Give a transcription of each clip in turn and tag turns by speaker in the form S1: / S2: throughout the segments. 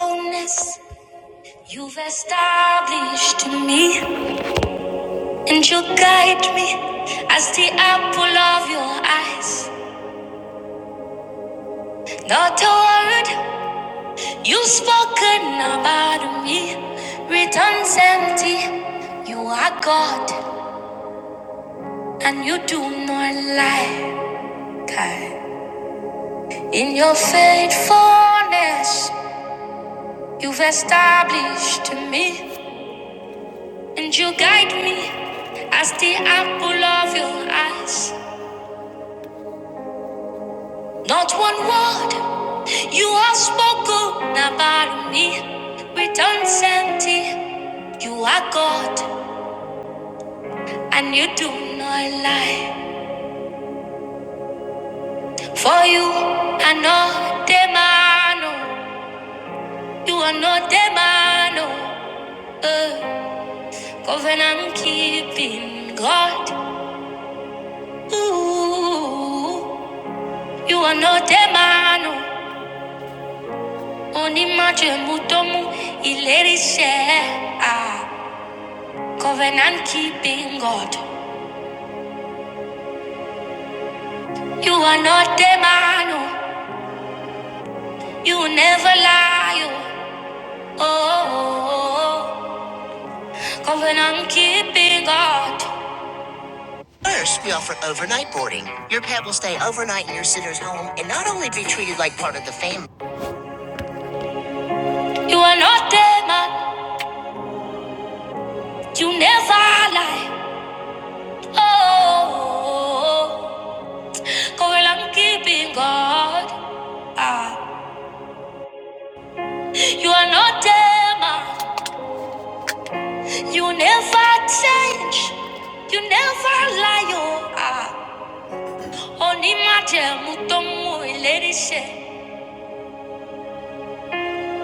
S1: Fullness you've established in me, and you guide me as the apple of your eyes. Not a word you've spoken about me returns empty. You are God, and you do not lie. God. In your faithfulness, you've established me, and you guide me as the apple of your eyes. Not one word you have spoken about me returns empty. You are God and you do not lie. For you are not the man, oh. you are not the man. oh. Uh, covenant keeping God. Ooh, you are not the man. oh. Only Majemutomu, Ilerisha. Ah, covenant keeping God. You are not the man, oh. you never lie. Oh, oh, oh, oh. covenant keeping God. First, we offer overnight boarding. Your pet will stay overnight in your sitter's home and not only be treated like part of the family. You are not the man, you never lie. Oh, oh, oh, oh. covenant I'm keeping God. Ah, you are not the man. You never change. You never lie. Oh, ah. Only my tell muto muy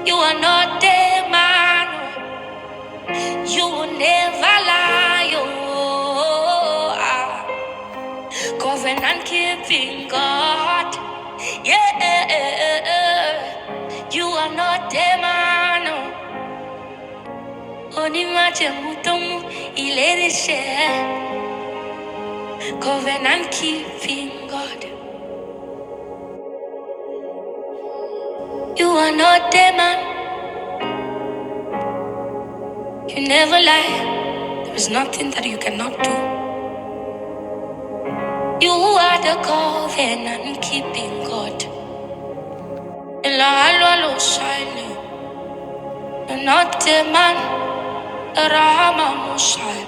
S1: You are not a man You will never lie oh, ah. Covenant keeping God Yeah You are not a man oh. Only my tell muto muy Covenant keeping God You are not a man You never lie There is nothing that you cannot do You are the covenant keeping God. Elalo shine, not the man, Rama Mushai.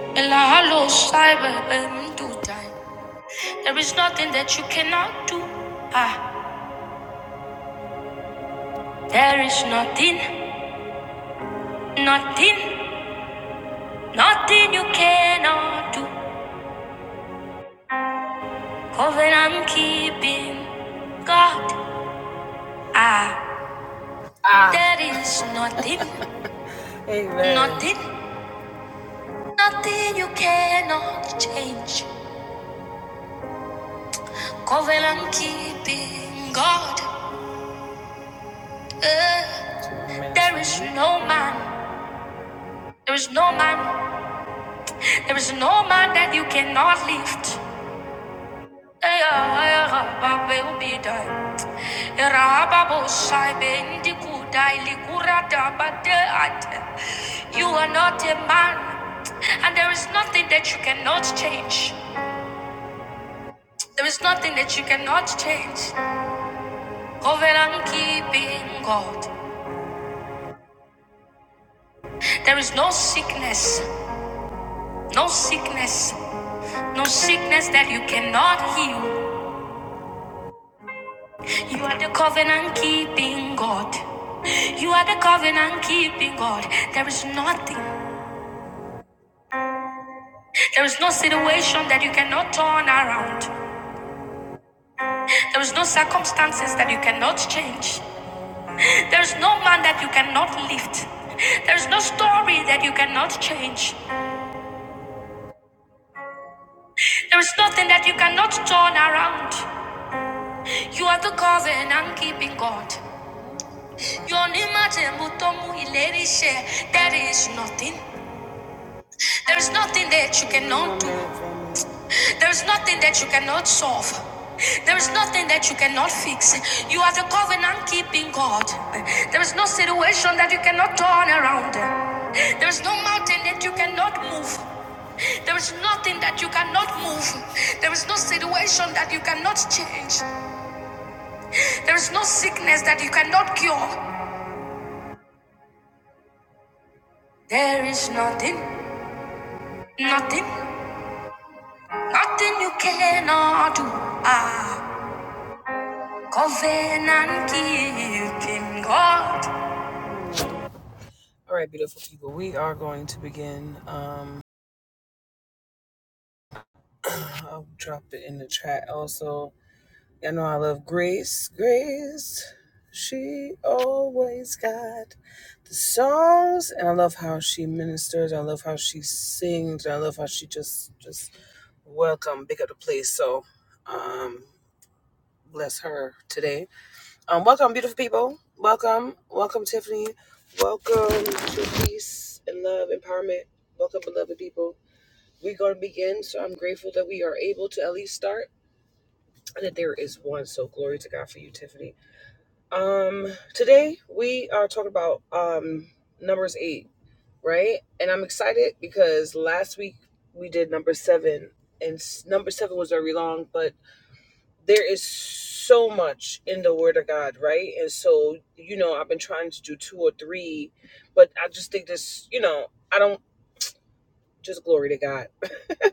S1: Elalo shine, do die. There is nothing that you cannot do. Ah, there is nothing, nothing, nothing you cannot do. Covenant keeping. God, ah, Ah. there is nothing, nothing, nothing you cannot change. Covenant and keeping God. Uh, there is no man, there is no man, there is no man that you cannot lift. Eh, ah, eh, ah, ah, Eh, ah, ah, ah, You are not a man, and there is nothing that you cannot change. There is nothing that you cannot change. Covenant keeping God. There is no sickness, no sickness, No sickness that you cannot heal. You are the covenant keeping God. You are the covenant keeping God. There is nothing, there is no situation that you cannot turn around. There is no circumstances that you cannot change. There is no man that you cannot lift. There is no story that you cannot change. There is nothing that you cannot turn around. You are the covenant keeping God. There is nothing. There's nothing that you cannot do. There's nothing that you cannot solve. There's nothing that you cannot fix. You are the covenant keeping God. There is no situation that you cannot turn around. There is no mountain that you cannot move. There is nothing that you cannot move. There is no situation that you cannot change. There is no sickness that you cannot cure. There is nothing, nothing, nothing you cannot do. Ah. Covenant keeping God. All right, beautiful people. We are going to begin. Um, I'll drop it in the chat also. Y'all know I love Grace. Grace, she always got the songs, and I love how she ministers. I love how she sings. I love how she just just welcome, big up the place. So, um, bless her today. Um, welcome, beautiful people. Welcome, welcome, Tiffany. Welcome to peace and love empowerment. Welcome, beloved people. We're going to begin, so I'm grateful that we are able to at least start and that there is one. So glory to God for you, Tiffany. Um, today we are talking about um numbers eight, right? And I'm excited because last week we did number seven, and s- number seven was very long, but there is so much in the word of god right and so you know i've been trying to do two or three but i just think this you know i don't just glory to god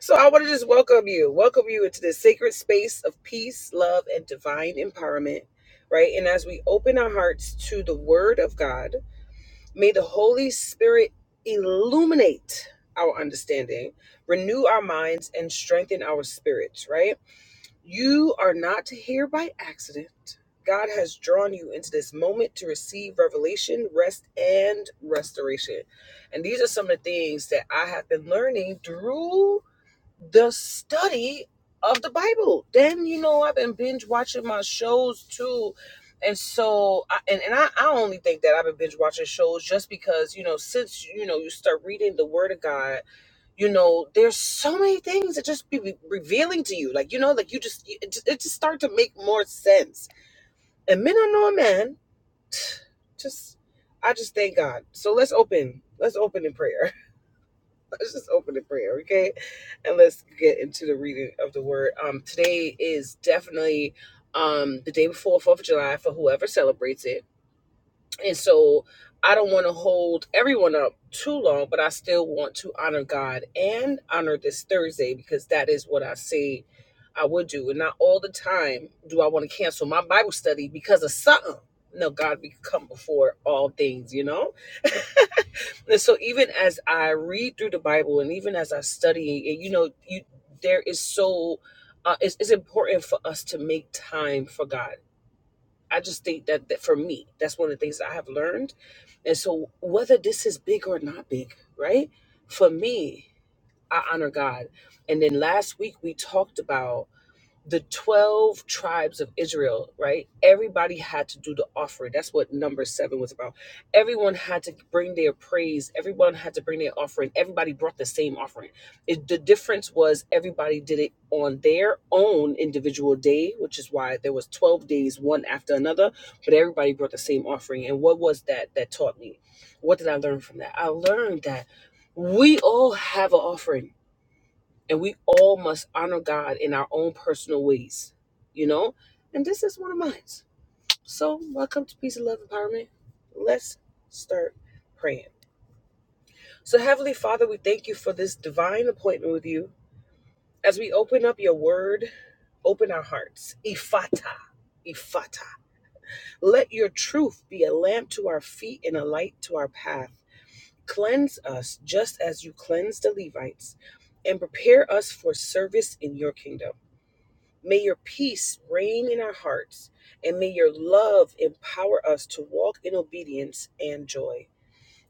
S1: so i want to just welcome you welcome you into this sacred space of peace love and divine empowerment right and as we open our hearts to the word of god may the holy spirit illuminate our understanding renew our minds and strengthen our spirits right you are not here by accident. God has drawn you into this moment to receive revelation, rest, and restoration. And these are some of the things that I have been learning through the study of the Bible. Then you know I've been binge watching my shows too. And so, I, and, and I, I only think that I've been binge watching shows just because, you know, since, you know, you start reading the word of God, you know, there's so many things that just be re- revealing to you. Like, you know, like you just, it just, it just start to make more sense. And men are no man, just, I just thank God. So let's open, let's open in prayer. Let's just open in prayer, okay? And let's get into the reading of the word. Um, today is definitely um the day before Fourth of July for whoever celebrates it, and so I don't want to hold everyone up too long, but I still want to honor God and honor this Thursday because that is what I say I would do, and not all the time do I want to cancel my Bible study because of something. No, God, we come before all things, you know. And so even as I read through the Bible and even as I study it, you know, you there is so uh, it's, it's important for us to make time for God. I just think that, that for me, that's one of the things I have learned. And so whether this is big or not big, right? For me, I honor God. And then last week we talked about the 12 tribes of Israel, right? Everybody had to do the offering. That's what number seven was about. Everyone had to bring their praise. Everyone had to bring their offering. Everybody brought the same offering. It, the difference was everybody did it on their own individual day, which is why there was 12 days, one after another, but everybody brought the same offering. And what was that that taught me? What did I learn from that? I learned that we all have an offering and we all must honor God in our own personal ways, you know? And this is one of mine. So, welcome to Peace and Love Empowerment. Let's start praying. So, Heavenly Father, we thank you for this divine appointment with you. As we open up your word, open our hearts. Ifata. Ifata. Let your truth be a lamp to our feet and a light to our path. Cleanse us just as you cleansed the Levites and prepare us for service in your kingdom. May your peace reign in our hearts, and may your love empower us to walk in obedience and joy.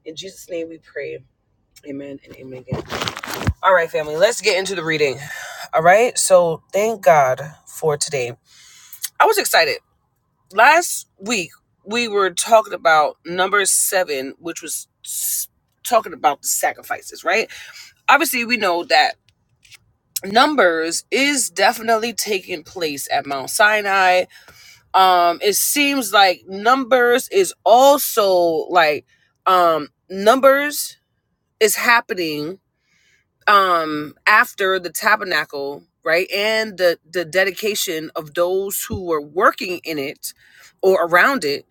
S1: In Jesus' name we pray. Amen and amen again. All right, family, let's get into the reading. All right, so thank God for today. I was excited. Last week, we were talking about number seven, which was talking about the sacrifices, right? Obviously, we know that numbers is definitely taking place at Mount Sinai um it seems like numbers is also like um numbers is happening um after the tabernacle right and the the dedication of those who were working in it or around it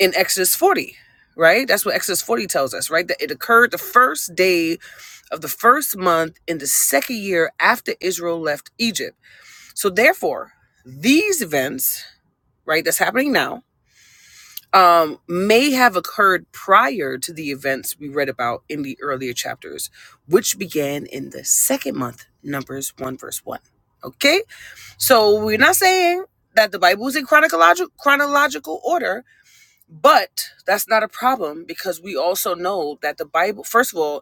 S1: in exodus 40 right that's what exodus 40 tells us right that it occurred the first day of the first month in the second year after israel left egypt so therefore these events right that's happening now um, may have occurred prior to the events we read about in the earlier chapters, which began in the second month, Numbers 1, verse 1. Okay? So we're not saying that the Bible is in chronological, chronological order, but that's not a problem because we also know that the Bible, first of all,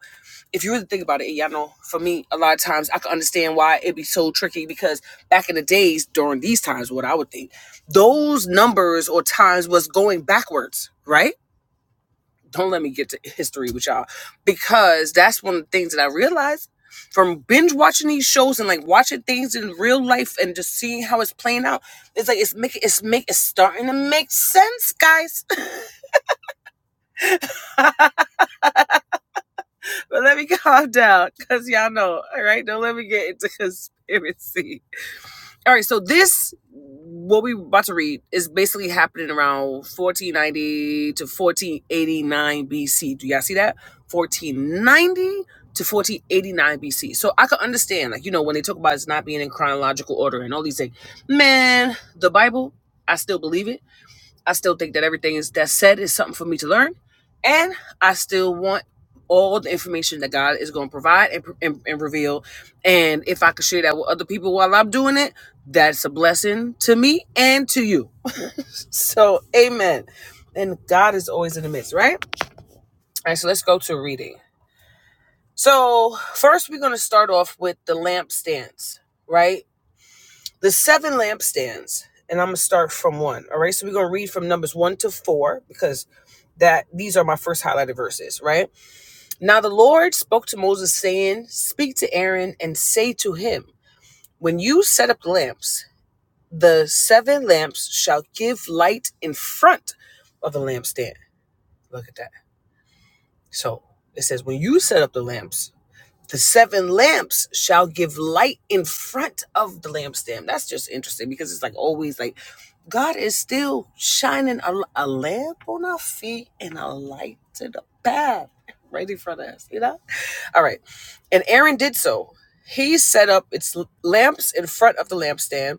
S1: if you really think about it, y'all know for me, a lot of times I can understand why it'd be so tricky because back in the days during these times, what I would think, those numbers or times was going backwards, right? Don't let me get to history with y'all because that's one of the things that I realized from binge watching these shows and like watching things in real life and just seeing how it's playing out. It's like it's making it's make it's starting to make sense, guys but let me calm down because y'all know, all right? Don't let me get into conspiracy. All right, so this, what we about to read, is basically happening around 1490 to 1489 BC. Do y'all see that? 1490 to 1489 BC. So I could understand, like, you know, when they talk about it's not being in chronological order and all these things. Man, the Bible, I still believe it. I still think that everything is that's said is something for me to learn, and I still want all the information that God is going to provide and, and, and reveal. And if I could share that with other people while I'm doing it, that's a blessing to me and to you. So, Amen. And God is always in the midst, right? All right, so let's go to reading. So first, we're going to start off with the lampstands, right? The seven lampstands, and I'm gonna start from one. All right, so we're gonna read from numbers one to four because that these are my first highlighted verses, right? Now the Lord spoke to Moses, saying, Speak to Aaron and say to him, When you set up lamps, the seven lamps shall give light in front of the lampstand. Look at that. So it says, When you set up the lamps, The seven lamps shall give light in front of the lampstand. That's just interesting because it's like always like God is still shining a, a lamp on our feet and a light to the path right in front of us, you know? All right. And Aaron did so. He set up its lamps in front of the lampstand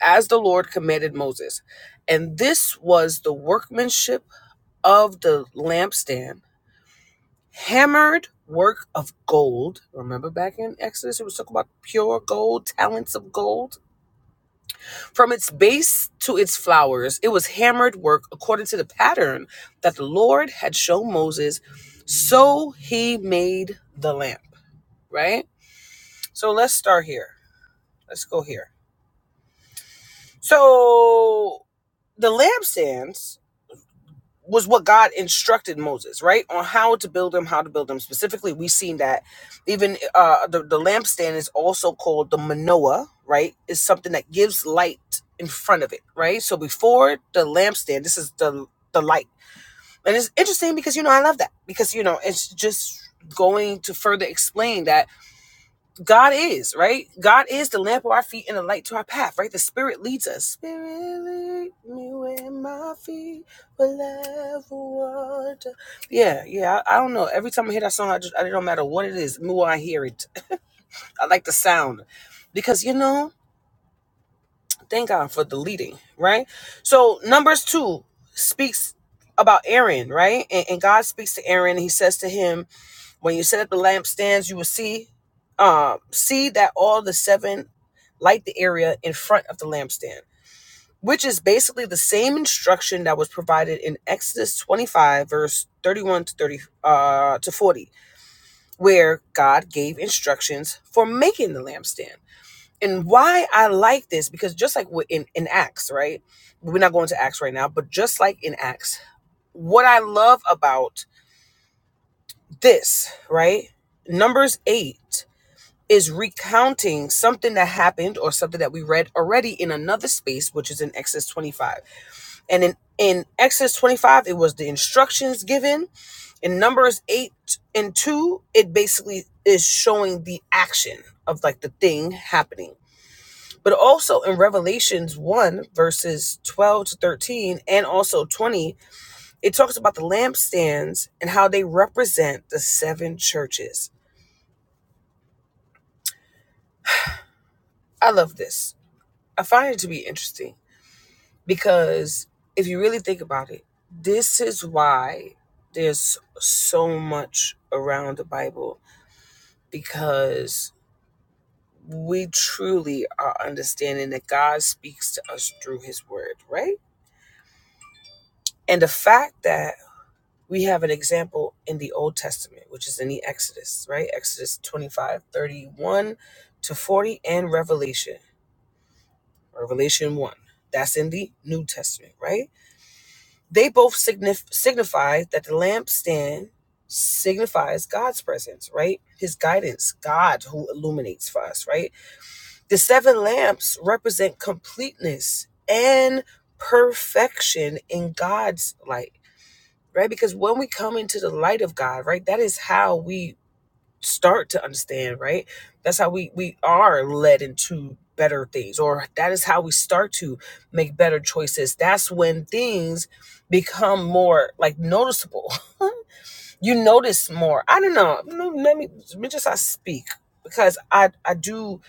S1: as the Lord commanded Moses. And this was the workmanship of the lampstand hammered work of gold. Remember back in Exodus, it was talking about pure gold, talents of gold. From its base to its flowers, it was hammered work according to the pattern that the Lord had shown Moses. So he made the lamp, right? So let's start here. Let's go here. So the lampstands was what God instructed Moses, right? On how to build them, how to build them. Specifically, we've seen that even uh, the, the lampstand is also called the manoah, right? Is something that gives light in front of it, right? So before the lampstand, this is the the light. And it's interesting because you know I love that because you know it's just going to further explain that God is, right? God is the lamp of our feet and the light to our path, right? The Spirit leads us. Spirit lead me where my feet will ever wander. Yeah, yeah. I, I don't know. Every time I hear that song, I just I don't matter what it is. The more I hear it, I like the sound because you know, thank God for the leading, right? So Numbers two speaks about Aaron, right? And, and God speaks to Aaron. He says to him, when you set up the lampstands, you will see um, see that all the seven light the area in front of the lampstand, which is basically the same instruction that was provided in Exodus 25, verse 31 to 30 uh, to 40, where God gave instructions for making the lampstand. And why I like this, because just like in, in Acts, right? We're not going to Acts right now, but just like in Acts, what I love about this, right? Numbers 8. is recounting something that happened or something that we read already in another space, which is in Exodus 25. And in, in Exodus 25, it was the instructions given. In Numbers 8 and 2, it basically is showing the action of like the thing happening. But also in Revelations 1, verses 12 to 13, and also 20, it talks about the lampstands and how they represent the seven churches. I love this. I find it to be interesting Because if you really think about it, this is why there's so much around the Bible because we truly are understanding that God speaks to us through his word, right? And the fact that we have an example in the Old Testament, which is in the Exodus, right? Exodus 25, 31 to 40, and Revelation, Revelation 1. That's in the New Testament, right? They both signif- signify that the lampstand signifies God's presence, right? His guidance, God who illuminates for us, right? The seven lamps represent completeness and perfection in God's light, right? Because when we come into the light of God, right, that is how we start to understand, right? That's how we we are led into better things or that is how we start to make better choices. That's when things become more like noticeable. You notice more. I don't know. No, Let me let me just I speak because I I do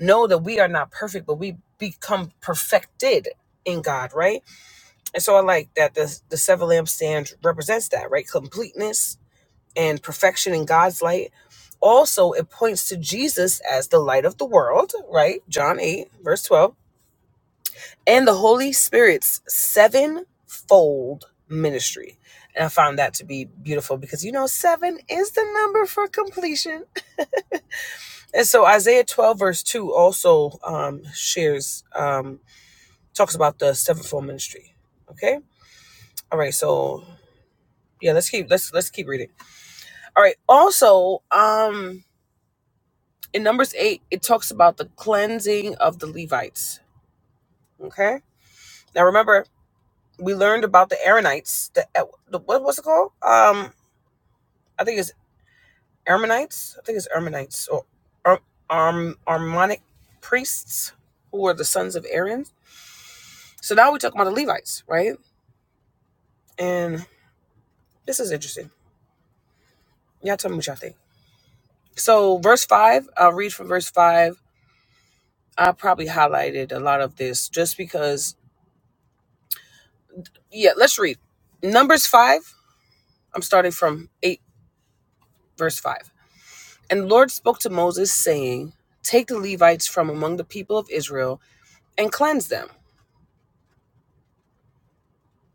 S1: know that we are not perfect, but we become perfected in God, right? And so I like that the the seven lampstands represents that, right? Completeness, and perfection in God's light. Also, it points to Jesus as the light of the world, right? John 8, verse 12, and the Holy Spirit's sevenfold ministry. And I found that to be beautiful because you know, seven is the number for completion. And so Isaiah 12, verse 2 also um, shares, um, talks about the sevenfold ministry. Okay. All right. So yeah, let's keep, let's, let's keep reading. All right. Also, um, in Numbers 8, it talks about the cleansing of the Levites. Okay. Now remember, we learned about the Aaronites. The, uh, the what was it called? Um, I think it's Aaronites. I think it's Aaronites or Ar- Arm Armonic priests who were the sons of Aaron. So now we're talking about the Levites, right? And this is interesting. Y'all tell me what y'all think. So verse five, I'll read from verse five. I probably highlighted a lot of this just because. Yeah, let's read Numbers five I'm starting from 8, verse 5. And the Lord spoke to Moses, saying, Take the Levites from among the people of Israel and cleanse them.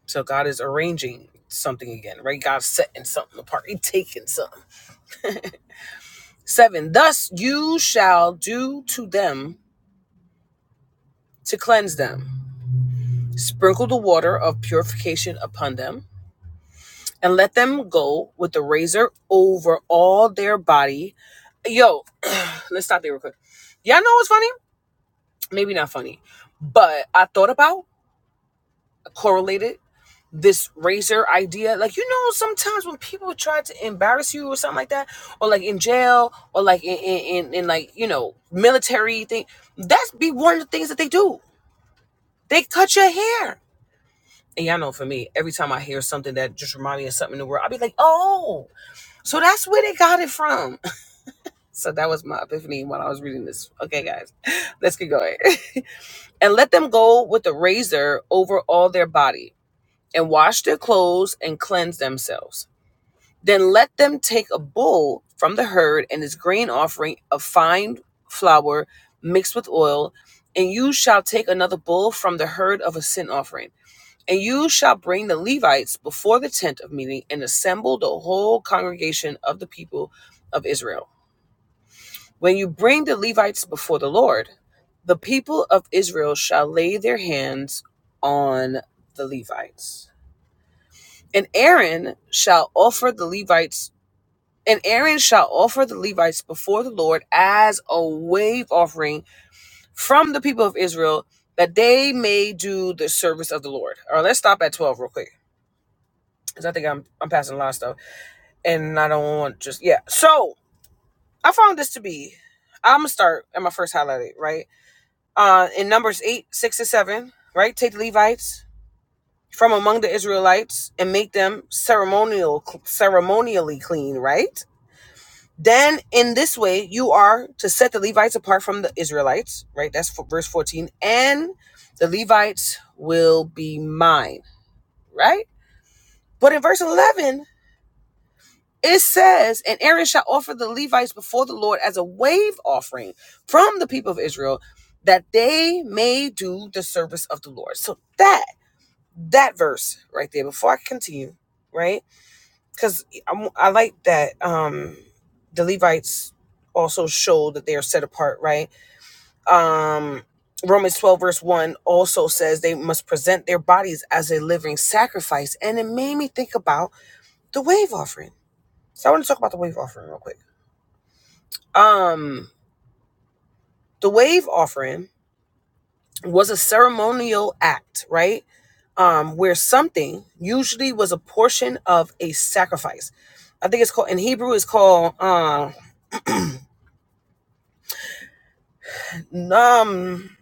S1: So God is arranging something again, right? God's setting something apart. He's taking something. 7. Thus you shall do to them to cleanse them. Sprinkle the water of purification upon them, and let them go with the razor over all their body. Yo, let's stop there real quick. Y'all know what's funny? maybe not funny, but I thought about correlated this razor idea. Like you know, sometimes when people try to embarrass you or something like that, or like in jail, or like in in, in, in like you know military thing, that's be one of the things that they do. They cut your hair. And y'all know for me, every time I hear something that just reminds me of something in the world, I'll be like, oh, so that's where they got it from. So that was my epiphany while I was reading this. Okay, guys, let's get going. and let them go with a razor over all their body, and wash their clothes and cleanse themselves. Then let them take a bull from the herd and his grain offering of fine flour mixed with oil, and you shall take another bull from the herd of a sin offering. And you shall bring the Levites before the tent of meeting and assemble the whole congregation of the people of Israel when you bring the Levites before the Lord, the people of Israel shall lay their hands on the Levites. And Aaron shall offer the Levites and Aaron shall offer the Levites before the Lord as a wave offering from the people of Israel that they may do the service of the Lord. All right, let's stop at 12 real quick because I think I'm, I'm passing a lot of stuff and I don't want just, yeah. So I found this to be, I'm going to start at my first highlight, right? uh, in Numbers 8, 6 and 7, right? Take the Levites from among the Israelites and make them ceremonial, ceremonially clean, right? Then in this way, you are to set the Levites apart from the Israelites, right? That's for verse 14. And the Levites will be mine, right? But in verse 11, it says, and Aaron shall offer the Levites before the Lord as a wave offering from the people of Israel that they may do the service of the Lord. So that that verse right there before I continue, right? Because I like that um, the Levites also show that they are set apart, right? Um, Romans 12, verse 1 also says they must present their bodies as a living sacrifice. And it made me think about the wave offering. So I want to talk about the wave offering real quick. Um, the wave offering was a ceremonial act, right? Um, where something usually was a portion of a sacrifice. I think it's called in Hebrew. It's called um, um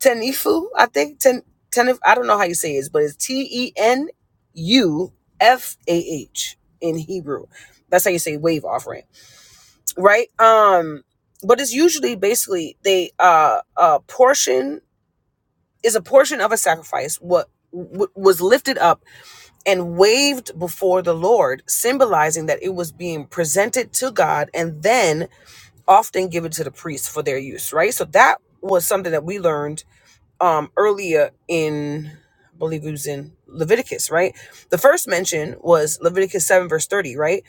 S1: tenifu. I think ten, tenif. I don't know how you say it, but it's T E N U F A H in Hebrew. That's how you say wave offering, right? Right? Um, but it's usually basically they uh a portion is a portion of a sacrifice what w- was lifted up and waved before the Lord, symbolizing that it was being presented to God and then often given to the priests for their use, right? So that was something that we learned um, earlier in, I believe it was in Leviticus, right? The first mention was Leviticus 7, verse 30, right?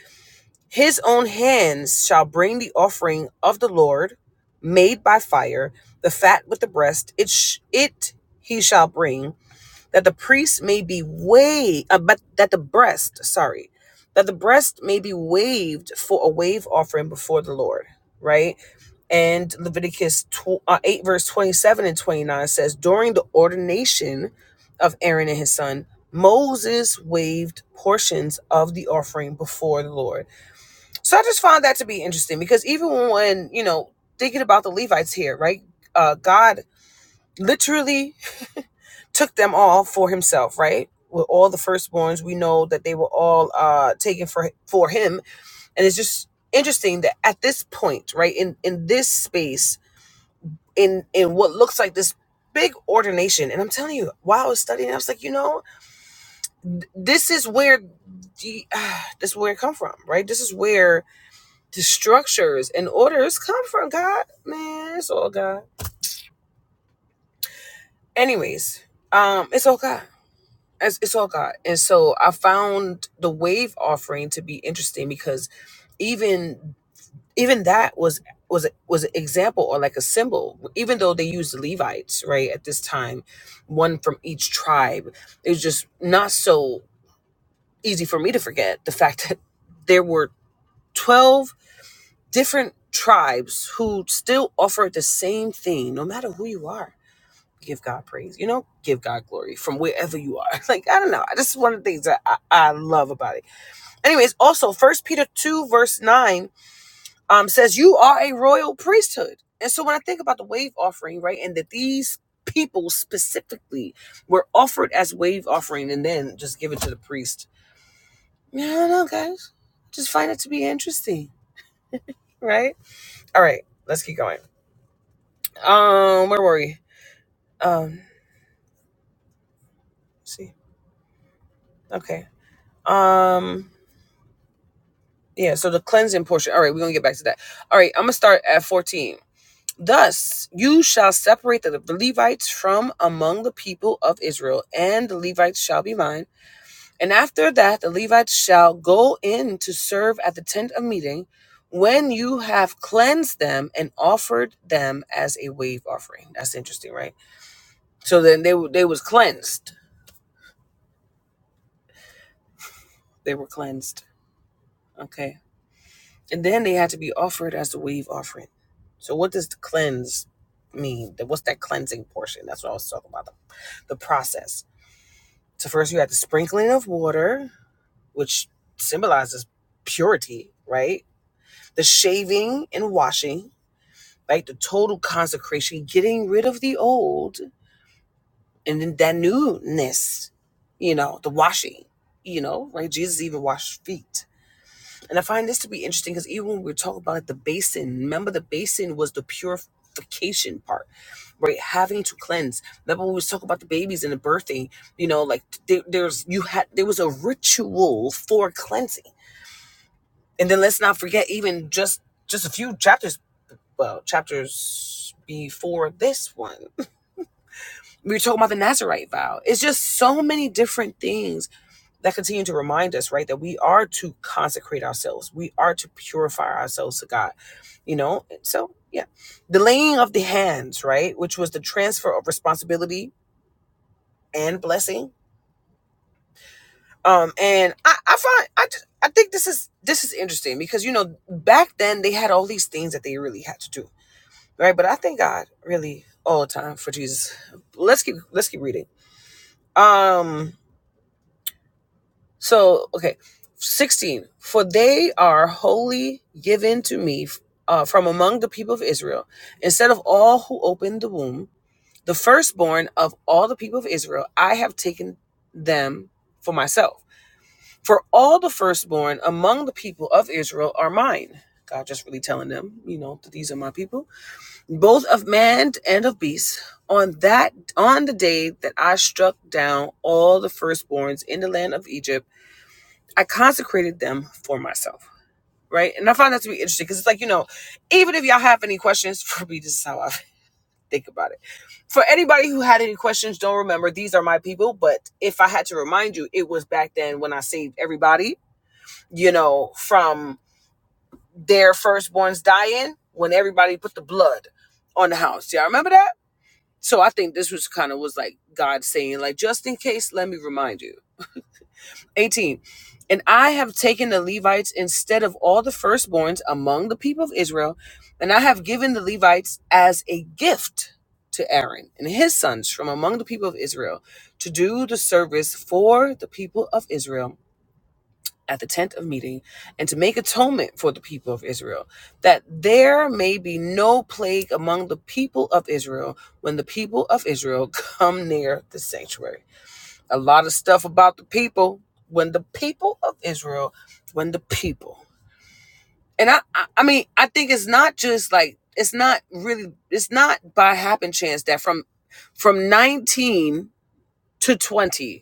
S1: His own hands shall bring the offering of the Lord made by fire, the fat with the breast, it, sh- it he shall bring that the priest may be waved, uh, but that the breast, sorry, that the breast may be waved for a wave offering before the Lord, right? And Leviticus tw- uh, 8, verse 27 and 29 says, During the ordination of Aaron and his son, Moses waved portions of the offering before the Lord. So I just found that to be interesting because even when, you know, thinking about the Levites here, right? Uh, God literally took them all for himself, right? With all the firstborns, we know that they were all uh, taken for for him, and it's just interesting that at this point, right in in this space, in in what looks like this big ordination, and I'm telling you, while I was studying, I was like, you know, this is where the, uh, this is where it come from, right? This is where the structures and orders come from. God, man, it's all God. Anyways, um, it's all God. It's, it's all God. And so I found the wave offering to be interesting because even even that was was was an example or like a symbol. Even though they used Levites right at this time, one from each tribe, it was just not so easy for me to forget the fact that there were twelve different tribes who still offered the same thing, no matter who you are give God praise, you know, give God glory from wherever you are. Like, I don't know. This is one of the things that I, I love about it. Anyways, also first Peter two, verse nine, um, says, You are a royal priesthood. And so when I think about the wave offering, right, and that these people specifically were offered as wave offering and then just given to the priest. Yeah, I don't know, guys. Just find it to be interesting, right? All right, let's keep going. Um, where were we? Um, let's see. Okay. Um Yeah, so the cleansing portion. All right, we're going to get back to that. All right, I'm going to start at 14. Thus, you shall separate the Levites from among the people of Israel, and the Levites shall be mine. And after that, the Levites shall go in to serve at the tent of meeting when you have cleansed them and offered them as a wave offering. That's interesting, right? So then they they was cleansed. They were cleansed. Okay. And then they had to be offered as a wave offering. So what does the cleanse mean? What's that cleansing portion? That's what I was talking about. The, the process. So first you had the sprinkling of water, which symbolizes purity, right? The shaving and washing, right? The total consecration, getting rid of the old and then that newness, you know, the washing, you know, right? Jesus even washed feet And I find this to be interesting because even when we were talking about like the basin, remember the basin was the purification part, right? Having to cleanse. Remember when we was talking about the babies and the birthing, you know, like there, there's you had there was a ritual for cleansing. And then let's not forget even just just a few chapters well, chapters before this one. We were talking about the Nazarite vow. It's just so many different things that continue to remind us, right, that we are to consecrate ourselves. We are to purify ourselves to God, you know? So, yeah. The laying of the hands, right, which was the transfer of responsibility and blessing. Um, and I, I find, I, I think this is, this is interesting because, you know, back then they had all these things that they really had to do, right? But I thank God really all the time for Jesus. Let's keep, let's keep reading. Um, So, okay, 16. For they are wholly given to me uh, from among the people of Israel. Instead of all who opened the womb, the firstborn of all the people of Israel, I have taken them for myself. For all the firstborn among the people of Israel are mine. God just really telling them, you know, that these are my people, both of man and of beast. On that, on the day that I struck down all the firstborns in the land of Egypt I consecrated them for myself, right? And I find that to be interesting because it's like, you know, even if y'all have any questions for me, this is how I think about it. For anybody who had any questions, don't remember, these are my people. But if I had to remind you, it was back then when I saved everybody, you know, from their firstborns dying when everybody put the blood on the house. Y'all remember that? So I think this was kind of was like God saying, like, just in case, let me remind you 18. And I have taken the Levites instead of all the firstborns among the people of Israel, and I have given the Levites as a gift to Aaron and his sons from among the people of Israel to do the service for the people of Israel at the tent of meeting and to make atonement for the people of Israel, that there may be no plague among the people of Israel when the people of Israel come near the sanctuary a lot of stuff about the people when the people of Israel, when the people. And I, I, I mean, I think it's not just like it's not really it's not by happen chance that from from 19 to 20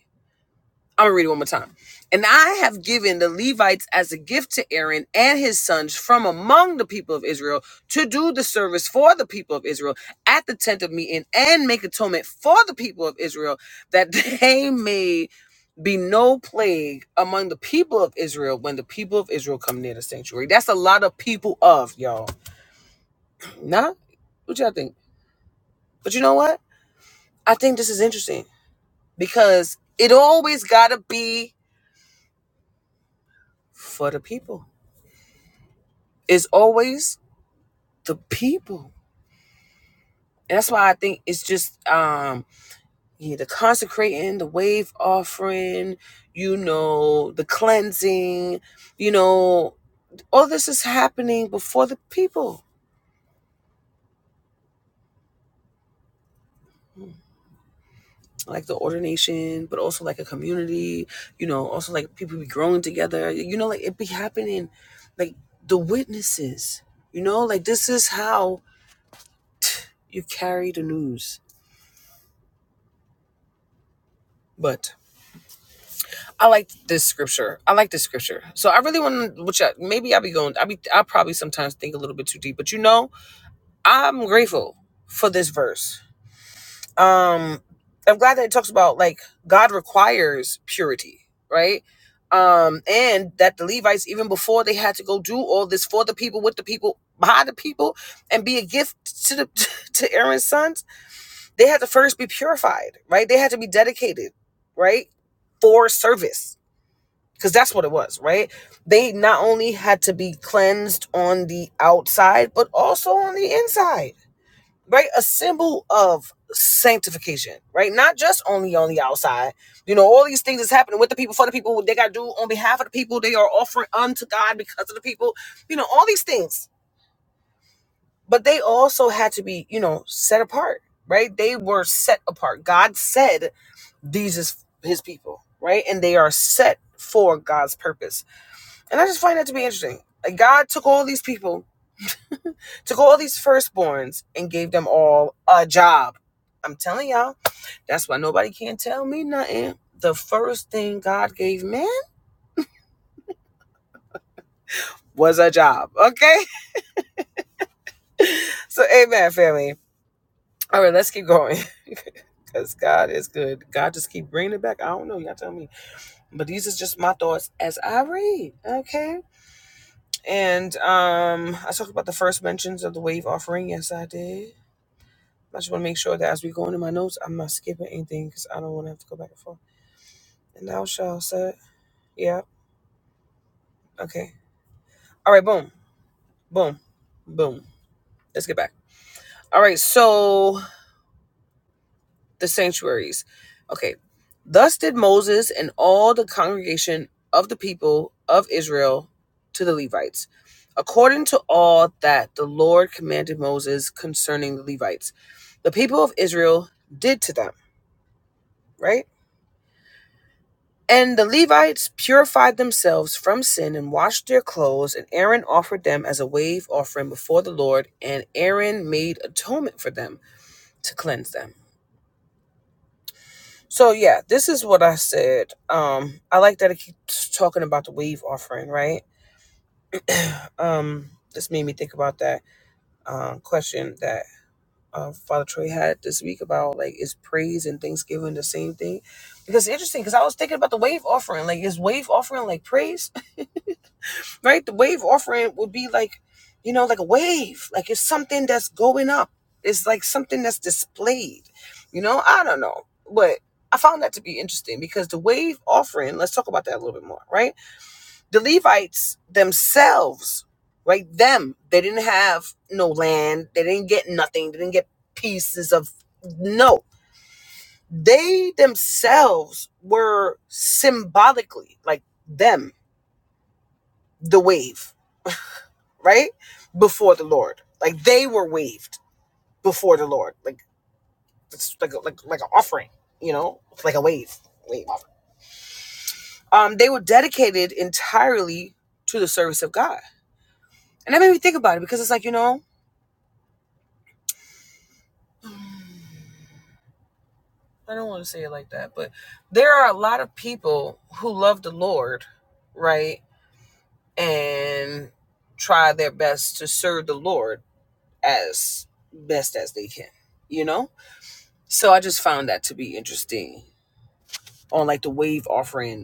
S1: I'm gonna read it one more time. And I have given the Levites as a gift to Aaron and his sons from among the people of Israel to do the service for the people of Israel at the tent of meeting and make atonement for the people of Israel that they may be no plague among the people of Israel when the people of Israel come near the sanctuary. That's a lot of people of y'all. Nah, what y'all think? But you know what? I think this is interesting because it always gotta be for the people Is always the people. And that's why I think it's just um yeah, the consecrating, the wave offering, you know, the cleansing, you know, all this is happening before the people. Like the ordination, but also like a community, you know, also like people be growing together. You know, like it be happening like the witnesses, you know, like this is how you carry the news. But I like this scripture. I like this scripture. So I really want to, which I, maybe I'll be going, I'll be, I'll probably sometimes think a little bit too deep, but you know, I'm grateful for this verse. Um, I'm glad that it talks about like God requires purity, right? Um, and that the Levites, even before they had to go do all this for the people, with the people, by the people, and be a gift to the to Aaron's sons, they had to first be purified, right? They had to be dedicated, right, for service because that's what it was, right? They not only had to be cleansed on the outside, but also on the inside, right? A symbol of sanctification, right? Not just only on the outside. You know, all these things is happening with the people, for the people, what they got to do on behalf of the people, they are offering unto God because of the people, you know, all these things. But they also had to be, you know, set apart, right? They were set apart. God said, these is his people, right? And they are set for God's purpose. And I just find that to be interesting. Like God took all these people, took all these firstborns, and gave them all a job. I'm telling y'all, that's why nobody can not tell me nothing. The first thing God gave man was a job. Okay? So, amen, family. All right, let's keep going. Because God is good. God just keep bringing it back. I don't know. Y'all tell me. But these is just my thoughts as I read. Okay? And um, I talked about the first mentions of the wave offering. Yes, I did. I just want to make sure that as we go into my notes, I'm not skipping anything because I don't want to have to go back and forth. And thou shalt say, yeah, okay. All right, boom, boom, boom. Let's get back. All right, so the sanctuaries. Okay. Thus did Moses and all the congregation of the people of Israel to the Levites, according to all that the Lord commanded Moses concerning the Levites. The people of Israel did to them, right? And the Levites purified themselves from sin and washed their clothes, and Aaron offered them as a wave offering before the Lord, and Aaron made atonement for them to cleanse them. So yeah, this is what I said. Um, I like that it keeps talking about the wave offering, right? Um, this made me think about that um, question that uh, Father Troy had this week about like is praise and thanksgiving the same thing? Because it's interesting because I was thinking about the wave offering. Like is wave offering like praise? right? The wave offering would be like, you know, like a wave. Like it's something that's going up. It's like something that's displayed. You know, I don't know. But I found that to be interesting because the wave offering, let's talk about that a little bit more, right? The Levites themselves, right? Them, they didn't have no land. They didn't get nothing. They didn't get pieces of no. They themselves were symbolically like them, the wave right before the lord like they were waved before the lord like it's like a, like like an offering you know It's like a wave wave offering um they were dedicated entirely to the service of god and that made me think about it because it's like you know i don't want to say it like that but there are a lot of people who love the lord right and try their best to serve the lord as best as they can you know so i just found that to be interesting on like the wave offering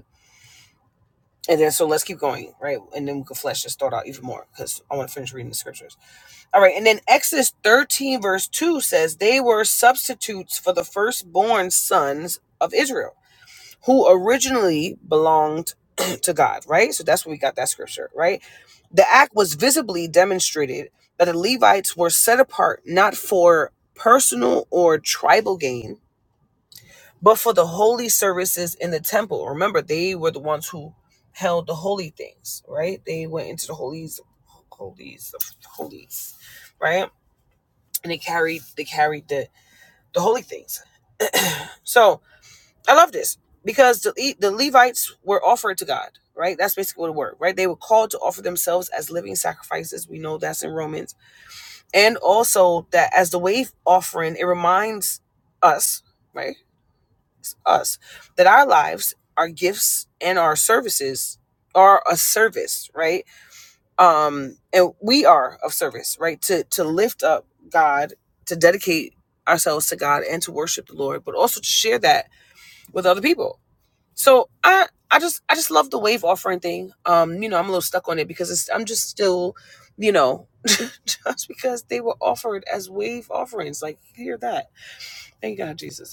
S1: And then so let's keep going, right? And then we can flesh this thought out even more because I want to finish reading the scriptures. All right, and then Exodus 13, verse 2 says, They were substitutes for the firstborn sons of Israel, who originally belonged to God, right? So that's where we got that scripture, right? The act was visibly demonstrated that the Levites were set apart not for personal or tribal gain but for the holy services in the temple, remember they were the ones who held the holy things, right? They went into the holies, holies, holies, right? And they carried they carried the the holy things. So I love this because the the Levites were offered to God, right? That's basically what it were, right? They were called to offer themselves as living sacrifices. We know that's in Romans, and also that as the wave offering, it reminds us, right? us that our lives our gifts and our services are a service right um and we are of service right to to lift up god to dedicate ourselves to god and to worship the lord but also to share that with other people so i i just i just love the wave offering thing um you know i'm a little stuck on it because it's, i'm just still you know just because they were offered as wave offerings like hear that thank god jesus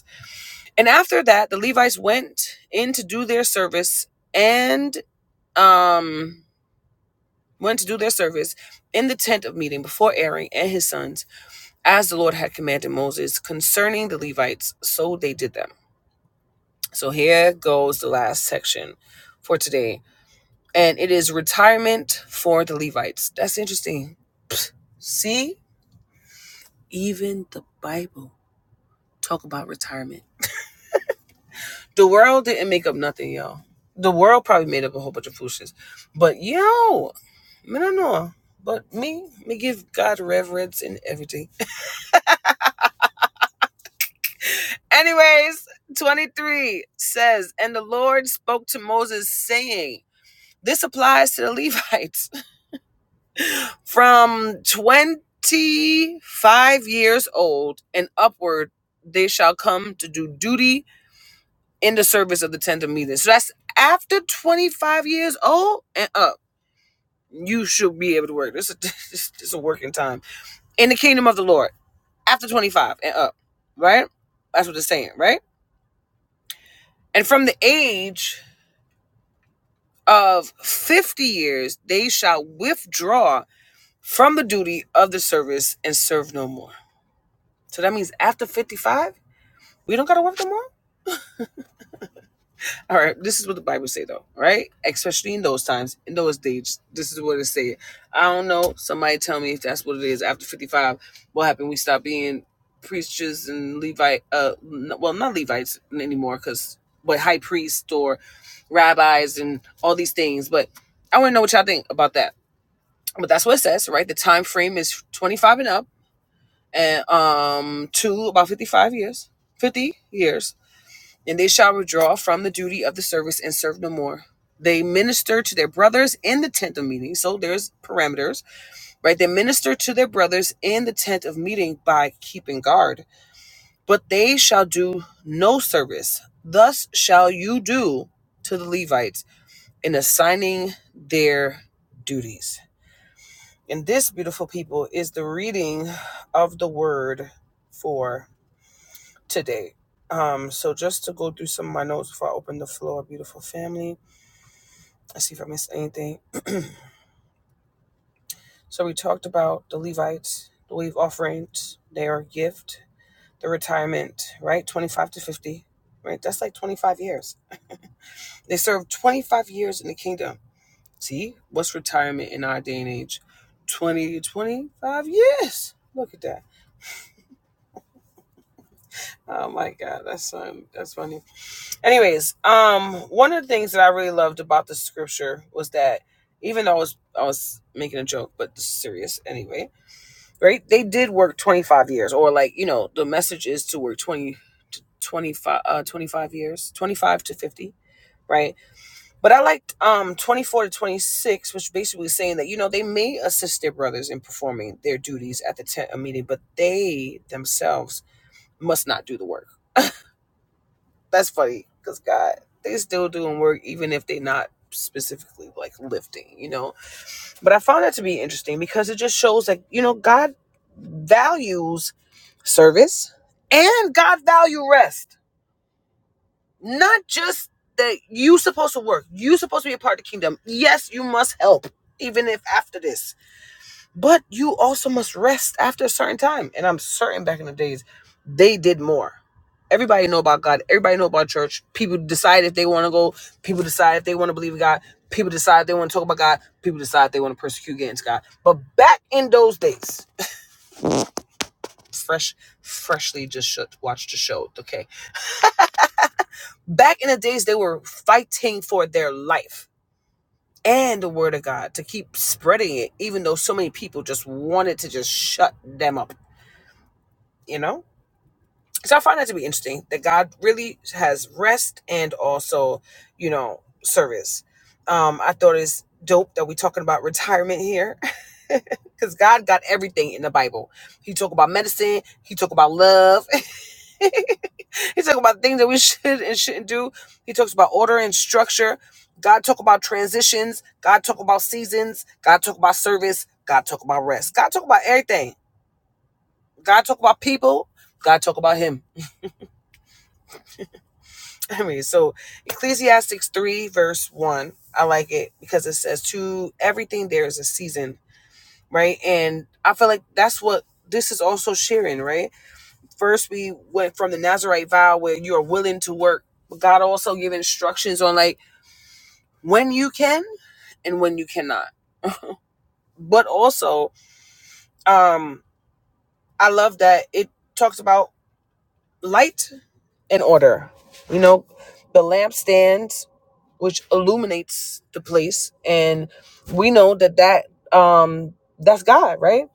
S1: and after that, the Levites went in to do their service and um, went to do their service in the tent of meeting before Aaron and his sons, as the Lord had commanded Moses concerning the Levites. So they did them. So here goes the last section for today. And it is retirement for the Levites. That's interesting. See, even the Bible talk about retirement. The world didn't make up nothing, yo. The world probably made up a whole bunch of foolishness. But yo, me no know. But me, me give God reverence in everything. Anyways, 23 says, And the Lord spoke to Moses, saying, This applies to the Levites from 25 years old and upward, they shall come to do duty in the service of the tent of meeting. So that's after 25 years old and up You should be able to work. This is this, a working time in the kingdom of the Lord after 25 and up, right? That's what it's saying, right? And from the age of 50 years, they shall withdraw from the duty of the service and serve no more. So that means after 55, we don't got to work no more? All right, this is what the Bible say though, right? Especially in those times, in those days, this is what it say. I don't know. Somebody tell me if that's what it is. After fifty five, what happened? We stopped being preachers and Levite. Uh, well, not Levites anymore, cause but high priests or rabbis and all these things. But I want to know what y'all think about that. But that's what it says, right? The time frame is twenty five and up, and um, to about fifty five years, fifty years and they shall withdraw from the duty of the service and serve no more. They minister to their brothers in the tent of meeting. So there's parameters, right? They minister to their brothers in the tent of meeting by keeping guard, but they shall do no service. Thus shall you do to the Levites in assigning their duties. And this, beautiful people, is the reading of the word for today. Um, so just to go through some of my notes before I open the floor, beautiful family. let's see if I missed anything. So we talked about the Levites, the wave offerings, their gift, the retirement, right? 25 to 50, right? That's like 25 years. They served 25 years in the kingdom. See, what's retirement in our day and age? 20 to 25 years. Look at that. Oh my god, that's fun. That's funny. Anyways, um, one of the things that I really loved about the scripture was that even though I was I was making a joke, but this is serious anyway, right? They did work twenty five years, or like you know, the message is to work twenty to 25, uh, 25 years, twenty five to fifty, right? But I liked um twenty four to twenty six, which basically saying that you know they may assist their brothers in performing their duties at the tent meeting, but they themselves must not do the work that's funny because God, they still doing work even if they not specifically like lifting, you know. But I found that to be interesting because it just shows like you know God values service and God value rest, not just that you supposed to work, you supposed to be a part of the kingdom. Yes, you must help even if after this but you also must rest after a certain time. And I'm certain back in the days, they did more. Everybody know about God. Everybody know about church. People decide if they want to go. People decide if they want to believe in God. People decide if they want to talk about God. People decide if they want to persecute against God. But back in those days, fresh, freshly just shut, watched the show. Okay, back in the days, they were fighting for their life and the Word of God to keep spreading it, even though so many people just wanted to just shut them up. You know So I find that to be interesting that God really has rest and also, you know, service. Um, I thought it's dope that we're talking about retirement here. Because God got everything in the Bible. He talk about medicine, he talk about love, he talk about things that we should and shouldn't do. He talks about order and structure. God talk about transitions. God talk about seasons. God talk about service. God talk about rest. God talk about everything. God talk about people. God talk about him. I mean, so Ecclesiastes 3, verse 1, I like it because it says, To everything there is a season, right? And I feel like that's what this is also sharing, right? First, we went from the Nazarite vow where you're willing to work, but God also gave instructions on like when you can and when you cannot. But also, um, I love that it talks about light in order. You know, the lampstands, which illuminates the place, and we know that that um that's God, right?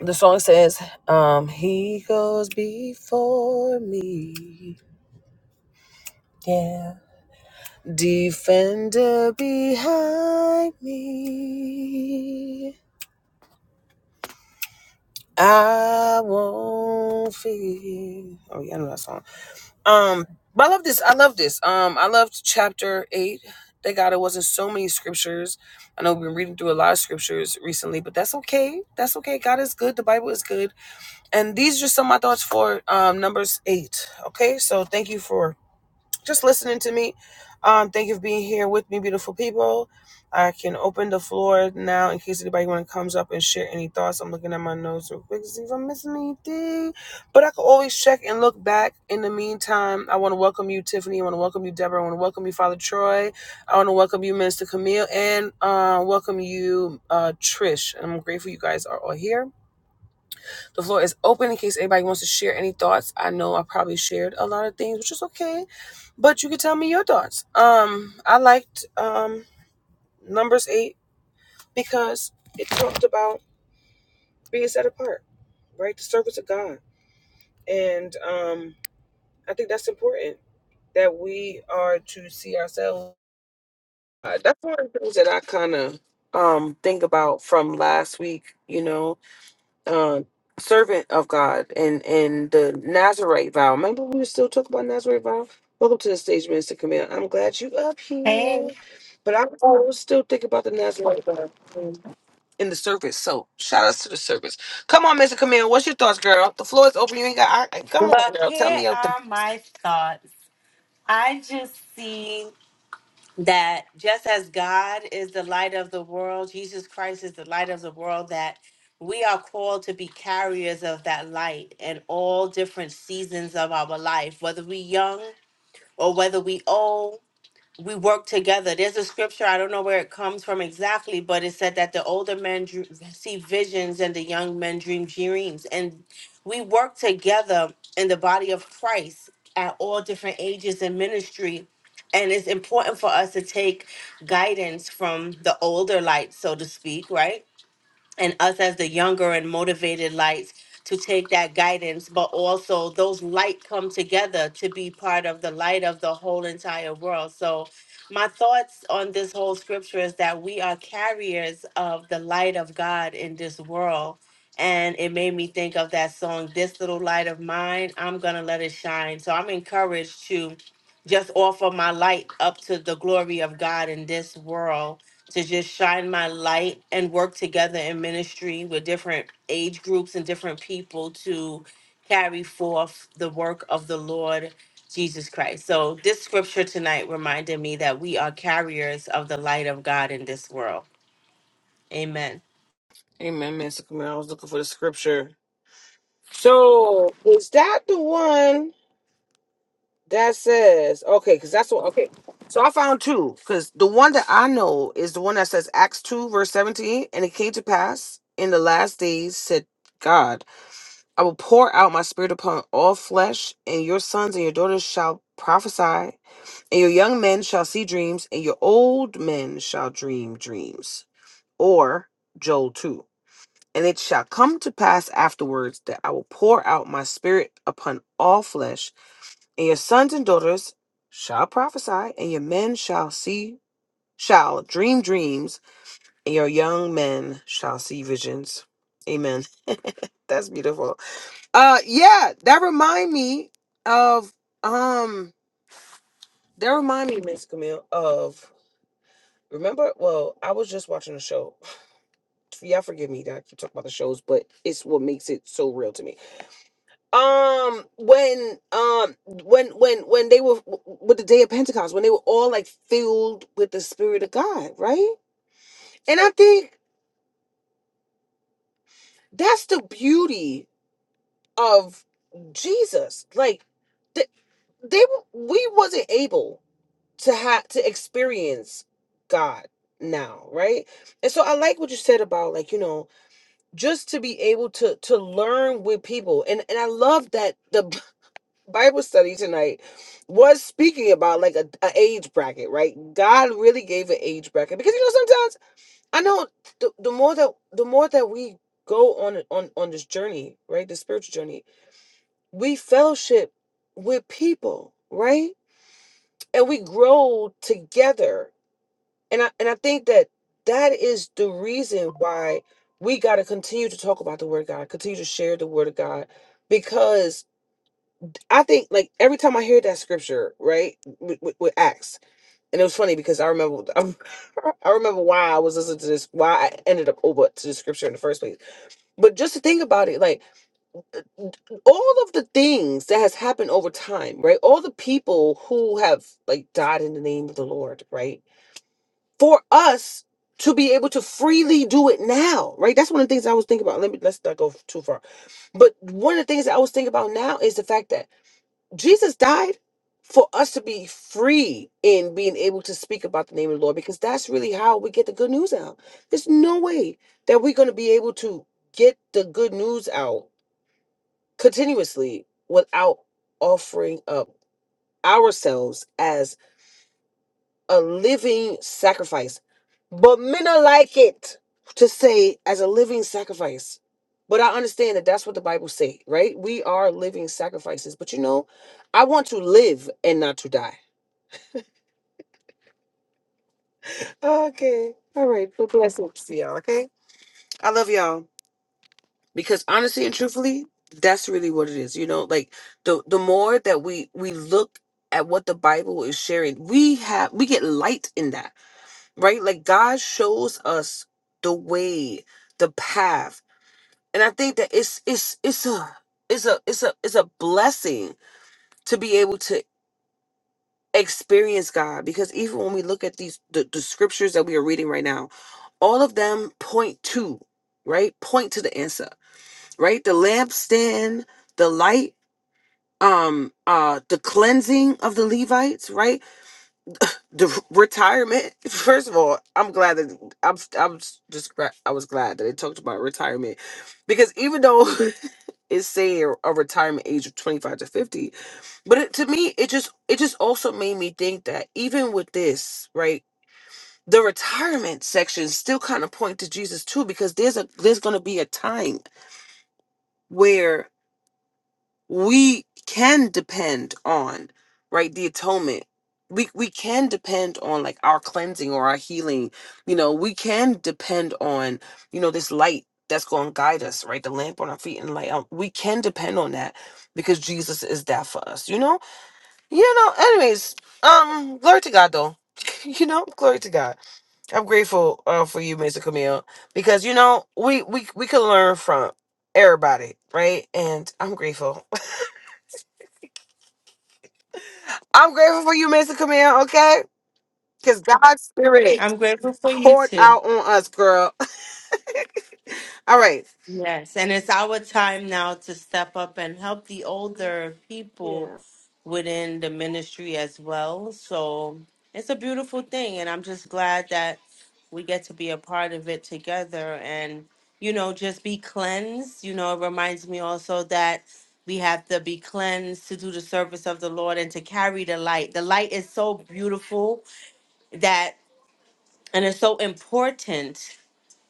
S1: The song says, um, "He goes before me, yeah, defender behind me. I won't fear." Oh yeah, I know that song. Um, but I love this. I love this. Um, I loved chapter eight. Thank God it wasn't so many scriptures. I know we've been reading through a lot of scriptures recently, but that's okay. That's okay. God is good. The Bible is good. And these are just some of my thoughts for um, Numbers eight. Okay, so thank you for just listening to me. Um, thank you for being here with me, beautiful people. I can open the floor now in case anybody want to comes up and share any thoughts. I'm looking at my notes real quick to see if I'm missing anything, but I can always check and look back. In the meantime, I want to welcome you, Tiffany. I want to welcome you, Deborah. I want to welcome you, Father Troy. I want to welcome you, Minister Camille, and uh, welcome you, uh, Trish. And I'm grateful you guys are all here. The floor is open in case anybody wants to share any thoughts. I know I probably shared a lot of things, which is okay, but you can tell me your thoughts. Um, I liked um numbers eight because it talked about being set apart, right? The service of God, and um, I think that's important that we are to see ourselves. Uh, that's one of the things that I kind of um think about from last week. You know, uh, servant of God and and the Nazarite vow. Remember, we were still talking about Nazarite vow. Welcome to the stage, Minister Camille. I'm glad you up
S2: Hey,
S1: here, but I'm I still thinking about the Nazarite vow um, in the service. So shout outs to the service. Come on, Mister Camille. What's your thoughts, girl? The floor is open. You ain't got. I, I- come on,
S2: but
S1: girl. Tell
S2: here
S1: me out the.
S2: are my thoughts. I just see that just as God is the light of the world, Jesus Christ is the light of the world, that we are called to be carriers of that light in all different seasons of our life, whether we young or whether we old, we work together. There's a scripture, I don't know where it comes from exactly, but it said that the older men dr- see visions and the young men dream dreams. And we work together in the body of Christ at all different ages in ministry. And it's important for us to take guidance from the older light, so to speak, right? and us as the younger and motivated lights to take that guidance, but also those light come together to be part of the light of the whole entire world. So my thoughts on this whole scripture is that we are carriers of the light of God in this world. And it made me think of that song, This Little Light of Mine, I'm gonna let it shine. So I'm encouraged to just offer my light up to the glory of God in this world to just shine my light and work together in ministry with different age groups and different people to carry forth the work of the Lord Jesus Christ. So this scripture tonight reminded me that we are carriers of the light of God in this world. Amen.
S1: Amen, Mister Camille. I was looking for the scripture. So is that the one? That says okay, because that's what okay. So I found two because the one that I know is the one that says Acts two verse seventeen, and it came to pass in the last days, said God, I will pour out my spirit upon all flesh, and your sons and your daughters shall prophesy, and your young men shall see dreams, and your old men shall dream dreams. Or Joel two, and it shall come to pass afterwards that I will pour out my spirit upon all flesh and your sons and daughters shall prophesy, and your men shall see, shall dream dreams, and your young men shall see visions. Amen. That's beautiful. Uh, yeah, that remind me of um, that remind me, Miss Camille, of remember. Well, I was just watching a show. Y'all forgive me that I keep talking about the shows, but it's what makes it so real to me um when um when when when they were with the day of pentecost when they were all like filled with the spirit of god right and i think that's the beauty of jesus like th- they we wasn't able to have to experience god now right and so i like what you said about like you know just to be able to to learn with people and and i love that the Bible study tonight was speaking about like a, a age bracket, right? God really gave an age bracket because you know sometimes I know the, the more that the more that we go on on on this journey, right, the spiritual journey, we fellowship with people, right, and we grow together, and I and I think that that is the reason why we got to continue to talk about the word of God, continue to share the word of God, because I think like every time I hear that scripture, right, with, with, with Acts, and it was funny because I remember I remember why I was listening to this, why I ended up over to the scripture in the first place. But just to think about it, like all of the things that has happened over time, right? All the people who have like died in the name of the Lord, right? For us to be able to freely do it now, right? That's one of the things I was thinking about. Let me let's not go too far. But one of the things that I was thinking about now is the fact that Jesus died for us to be free in being able to speak about the name of the Lord because that's really how we get the good news out. There's no way that we're going to be able to get the good news out continuously without offering up ourselves as a living sacrifice. But men are like it to say as a living sacrifice. But I understand that that's what the Bible say, right? We are living sacrifices. But you know, I want to live and not to die. Okay. All right. Well, blessings to y'all. Okay. I love y'all because honestly and truthfully, that's really what it is. You know, like the the more that we we look at what the Bible is sharing, we have we get light in that, right? Like God shows us the way, the path, and I think that it's it's it's a it's a it's a it's a blessing to be able to experience God because even when we look at these the, the scriptures that we are reading right now, all of them point to, right? Point to the answer, right? The lampstand, the light, um, uh, the cleansing of the Levites, right? the retirement. First of all, I'm glad that I'm I'm just gra- I was glad that they talked about retirement because even though it's saying a retirement age of 25 to 50, but it, to me it just it just also made me think that even with this, right? The retirement section still kind of point to Jesus too because there's a there's going to be a time where we can depend on right the atonement we we can depend on like our cleansing or our healing you know we can depend on you know this light that's going to guide us right the lamp on our feet and light um, we can depend on that because jesus is that for us you know you know anyways um glory to god though you know glory to god i'm grateful uh, for you mr camille because you know we we we can learn from everybody right and i'm grateful I'm grateful for you, Mr. Camille, okay? Because God's spirit
S2: I'm grateful for you
S1: poured
S2: too.
S1: out on us, girl. All right.
S2: Yes, and it's our time now to step up and help the older people
S1: Yeah.
S2: within the ministry as well. So it's a beautiful thing, and I'm just glad that we get to be a part of it together and, you know, just be cleansed. You know, it reminds me also that we have to be cleansed to do the service of the Lord and to carry the light. The light is so beautiful that, and it's so important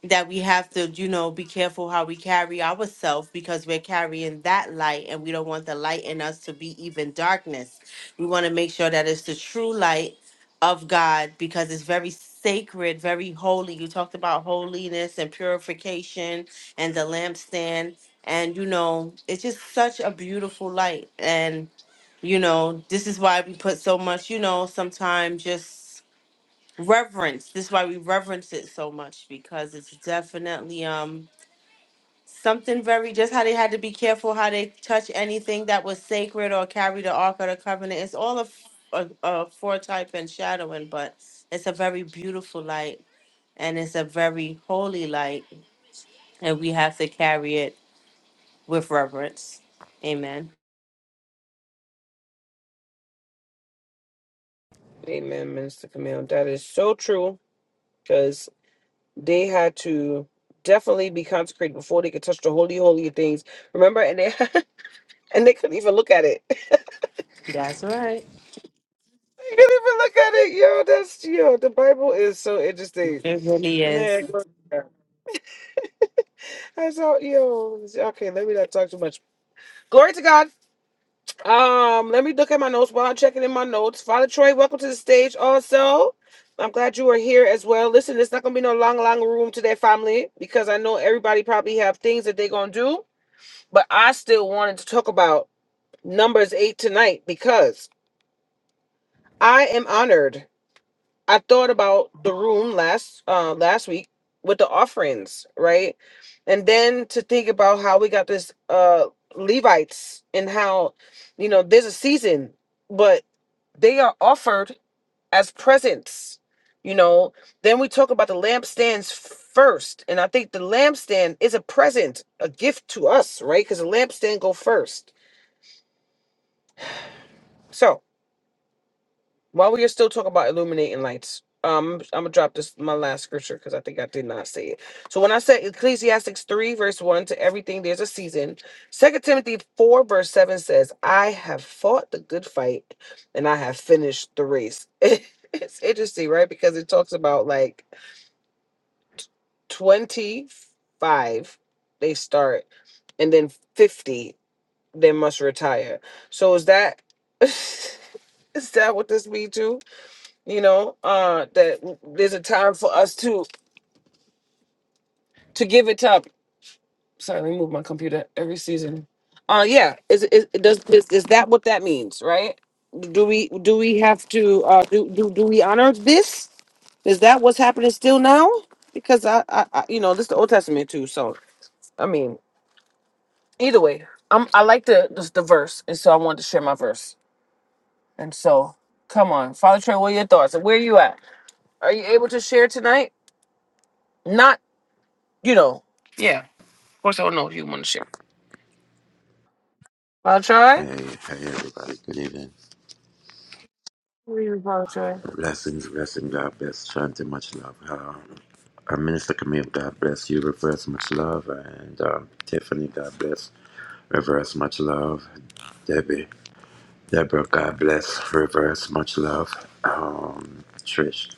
S2: that we have to, you know, be careful how we carry ourselves because we're carrying that light and we don't want the light in us to be even darkness. We want to make sure that it's the true light of God because it's very sacred, very holy. You talked about holiness and purification and the lampstand. And, you know, it's just such a beautiful light. And, you know, this is why we put so much, you know, sometimes just reverence. This is why we reverence it so much because it's definitely um something very just how they had to be careful how they touch anything that was sacred or carry the ark of the covenant. It's all a, f- a, a foretype and shadowing, but it's a very beautiful light and it's a very holy light, and we have to carry it with reverence. Amen.
S1: Amen, Minister Camille. That is so true because they had to definitely be consecrated before they could touch the holy, holy of things. Remember? And they and they couldn't even look at it. they
S2: That's right.
S1: couldn't even look at it. Yo, that's, yo, the Bible is so interesting.
S2: It really is.
S1: Man, glory to God. that's all, yo. Okay, let me not talk too much. Glory to God. Um, let me look at my notes while I'm checking in my notes. Father Troy, welcome to the stage also. I'm glad you are here as well. Listen, it's not gonna be no long, long room today, family, because I know everybody probably have things that they're gonna do, but I still wanted to talk about numbers eight tonight because I am honored. I thought about the room last uh last week with the offerings, right? And then to think about how we got this uh Levites and how you know there's a season, but they are offered as presents, you know. Then we talk about the lampstands first, and I think the lampstand is a present, a gift to us, right? Because the lampstand go first. So While we are still talking about illuminating lights, um, I'm gonna drop this my last scripture because I think I did not say it. So when I said Ecclesiastes three verse one to everything, there's a season. Second Timothy four verse seven says, "I have fought the good fight, and I have finished the race." it's interesting, right? Because it talks about like twenty five, they start, and then fifty, they must retire. So is that is that what this means too? you know uh that there's a time for us to to give it up sorry let me move my computer every season uh yeah is is does is, is that what that means right do we do we have to uh do do, do we honor this is that what's happening still now because I, I i you know this is the old testament too so i mean either way i'm i like the this, the verse and so i wanted to share my verse and so come on father trey what are your thoughts and where are you at are you able to share tonight not you know yeah Of course, I don't know if you want to share. Paul Troy?
S3: Hey, hey everybody, good evening.
S1: What do you want to share?
S3: Blessings, blessing, God bless, Shanti, much love. Uh, uh, Minister Camille, God bless you, reverse, much love. And um, Tiffany, God bless, reverse, much love. Debbie, Deborah, God bless, reverse, much love. Um, Trish,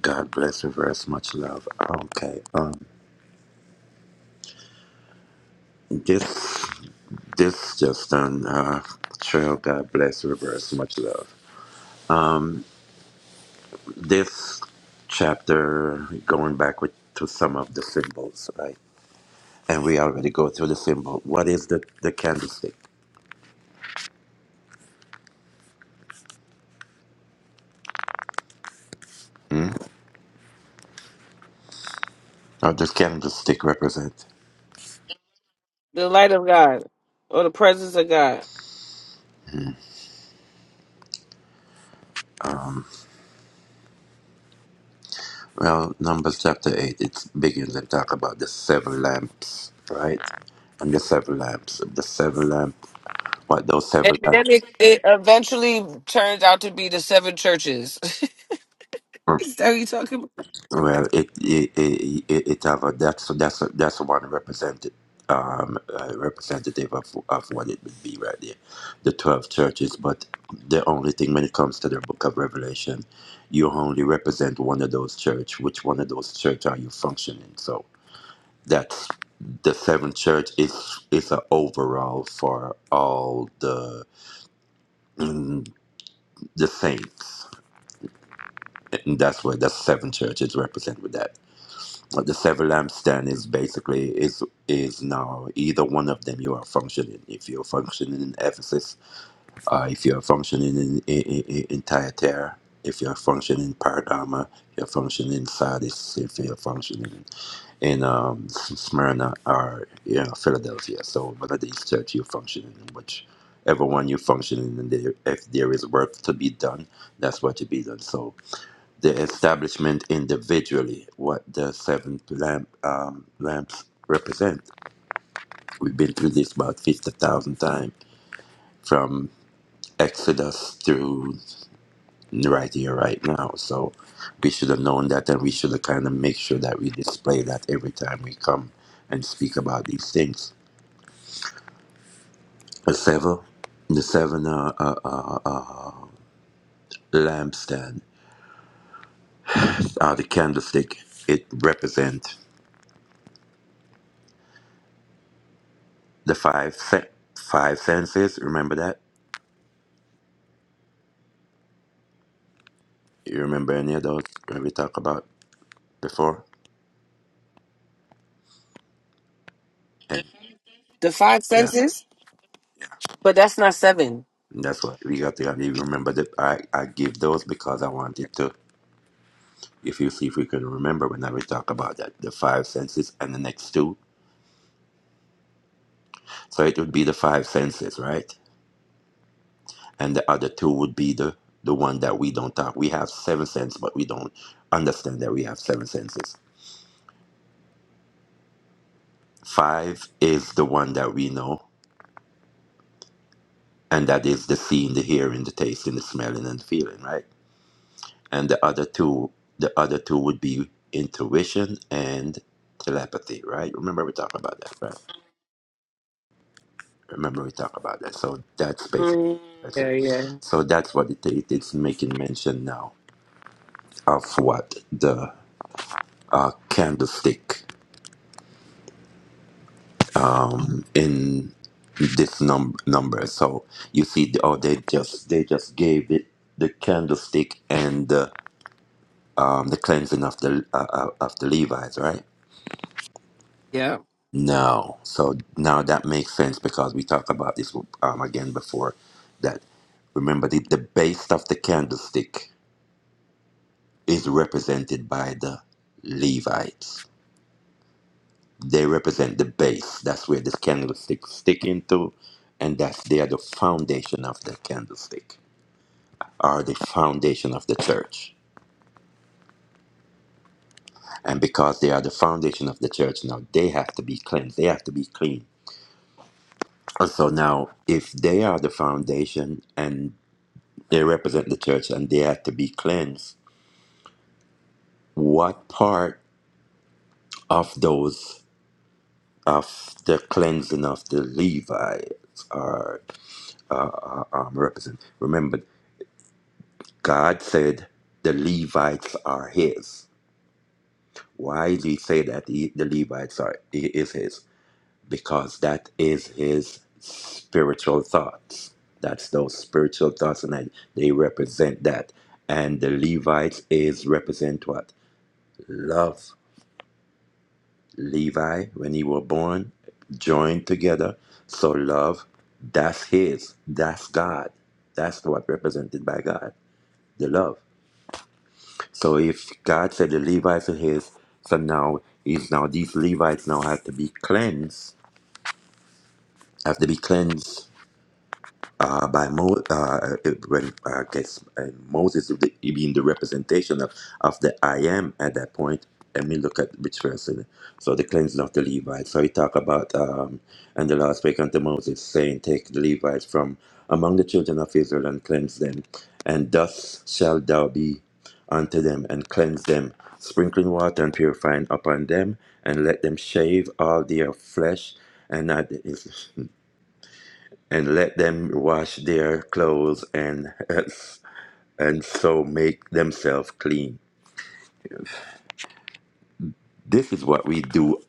S3: God bless, reverse, much love. Okay, um, this, this just done. Uh, Trill, God bless, reverse, much love. this chapter going back with, to some of the symbols, right? And we already go through the symbol. What is the, the candlestick? How does candlestick represent?
S1: The light of God or the presence of God.
S3: Well, Numbers chapter 8, it begins and talk about the seven lamps, right? And the seven lamps. The seven lamp, what those seven
S1: And then
S3: lamps?
S1: it, it eventually turns out to be the seven churches. Is that what you talking about?
S3: Well, it it it, it it have a that's that's that's one represented um uh, representative of of what it would be right there, the twelve churches. But the only thing when it comes to the Book of Revelation, you only represent one of those church. Which one of those church are you functioning? So that's the seventh church is is a overall for all the mm, the saints. And that's where the seven churches represent with that. Uh, the seven lampstand is basically is is now either one of them you are functioning if you're functioning in ephesus uh, if you're functioning in, in, in, in Thyatira, if you're functioning in Paradama, you're functioning in Sardis, if you're functioning in um, S- Smyrna or you know, Philadelphia. So one of these churches you're functioning in, which everyone you're functioning in, there, if there is work to be done, that's what you be done. So the establishment individually what the seven lamp um, lamps represent. We've been through this about fifty thousand times from Exodus through right here, right now. So we should have known that, and we should have kind of make sure that we display that every time we come and speak about these things. The seven, the seven uh, uh, uh, uh, lampstand, uh, the candlestick. It represents the five sen- five senses. Remember that You remember any of those that we talked about before? And
S1: The five
S3: yeah,
S1: senses? But that's not seven.
S3: that's what we got to have you remember that I, I give those because I wanted to if you see if we can remember when we talk about that the five senses and the next two. So it would be the five senses, right? And the other two would be the the one that we don't talk. We have seven senses, but we don't understand that we have seven senses. Five is the one that we know, and that is the seeing, the hearing, the tasting, the smelling, and the feeling, right? and the other two the other two would be intuition and telepathy right remember we talked about that right remember we talked about that so that's basically
S1: Mm.
S3: that's
S1: Yeah,
S3: it
S1: yeah.
S3: so that's what it, it- it's making mention now of what the uh, candlestick in this num- number so you see the- oh they just they just gave it the candlestick and the um, the cleansing of the uh, uh, of the Levites, right?
S1: Yeah.
S3: No. So now that makes sense because we talked about this um, again before that remember the, the base of the candlestick is represented by the Levites. They represent the base. That's where this candlestick stick into and that's they are the foundation of the candlestick are the foundation of the church. And because they are the foundation of the church now they have to be cleansed. They have to be clean. And So now if they are the foundation and They represent the church and they have to be cleansed. What part of those, of the cleansing of the Levites are uh, uh, um, represent? Remember, God said the Levites are his. Why did he say that he, the Levites are he is his? Because that is his spiritual thoughts. That's those spiritual thoughts, and I- they represent that. And the Levites is represent what love. Levi, when he were born, joined together. So love, that's his, that's God. That's what represented by God, the love. So if God said the Levites are his, so now he's now these Levites now have to be cleansed, have to be cleansed uh, by Mo, uh, it- when uh, gets, uh, Moses is the, being the representation of, of the I am at that point. Let me look at which verse in it. So the cleansing of the Levites. So he talk about um, and the Lord spake unto Moses, saying, Take the Levites from among the children of Israel and cleanse them, and thus shall thou be unto them and cleanse them, sprinkling water and purifying upon them, and let them shave all their flesh, and not and let them wash their clothes and and so make themselves clean. This is what we do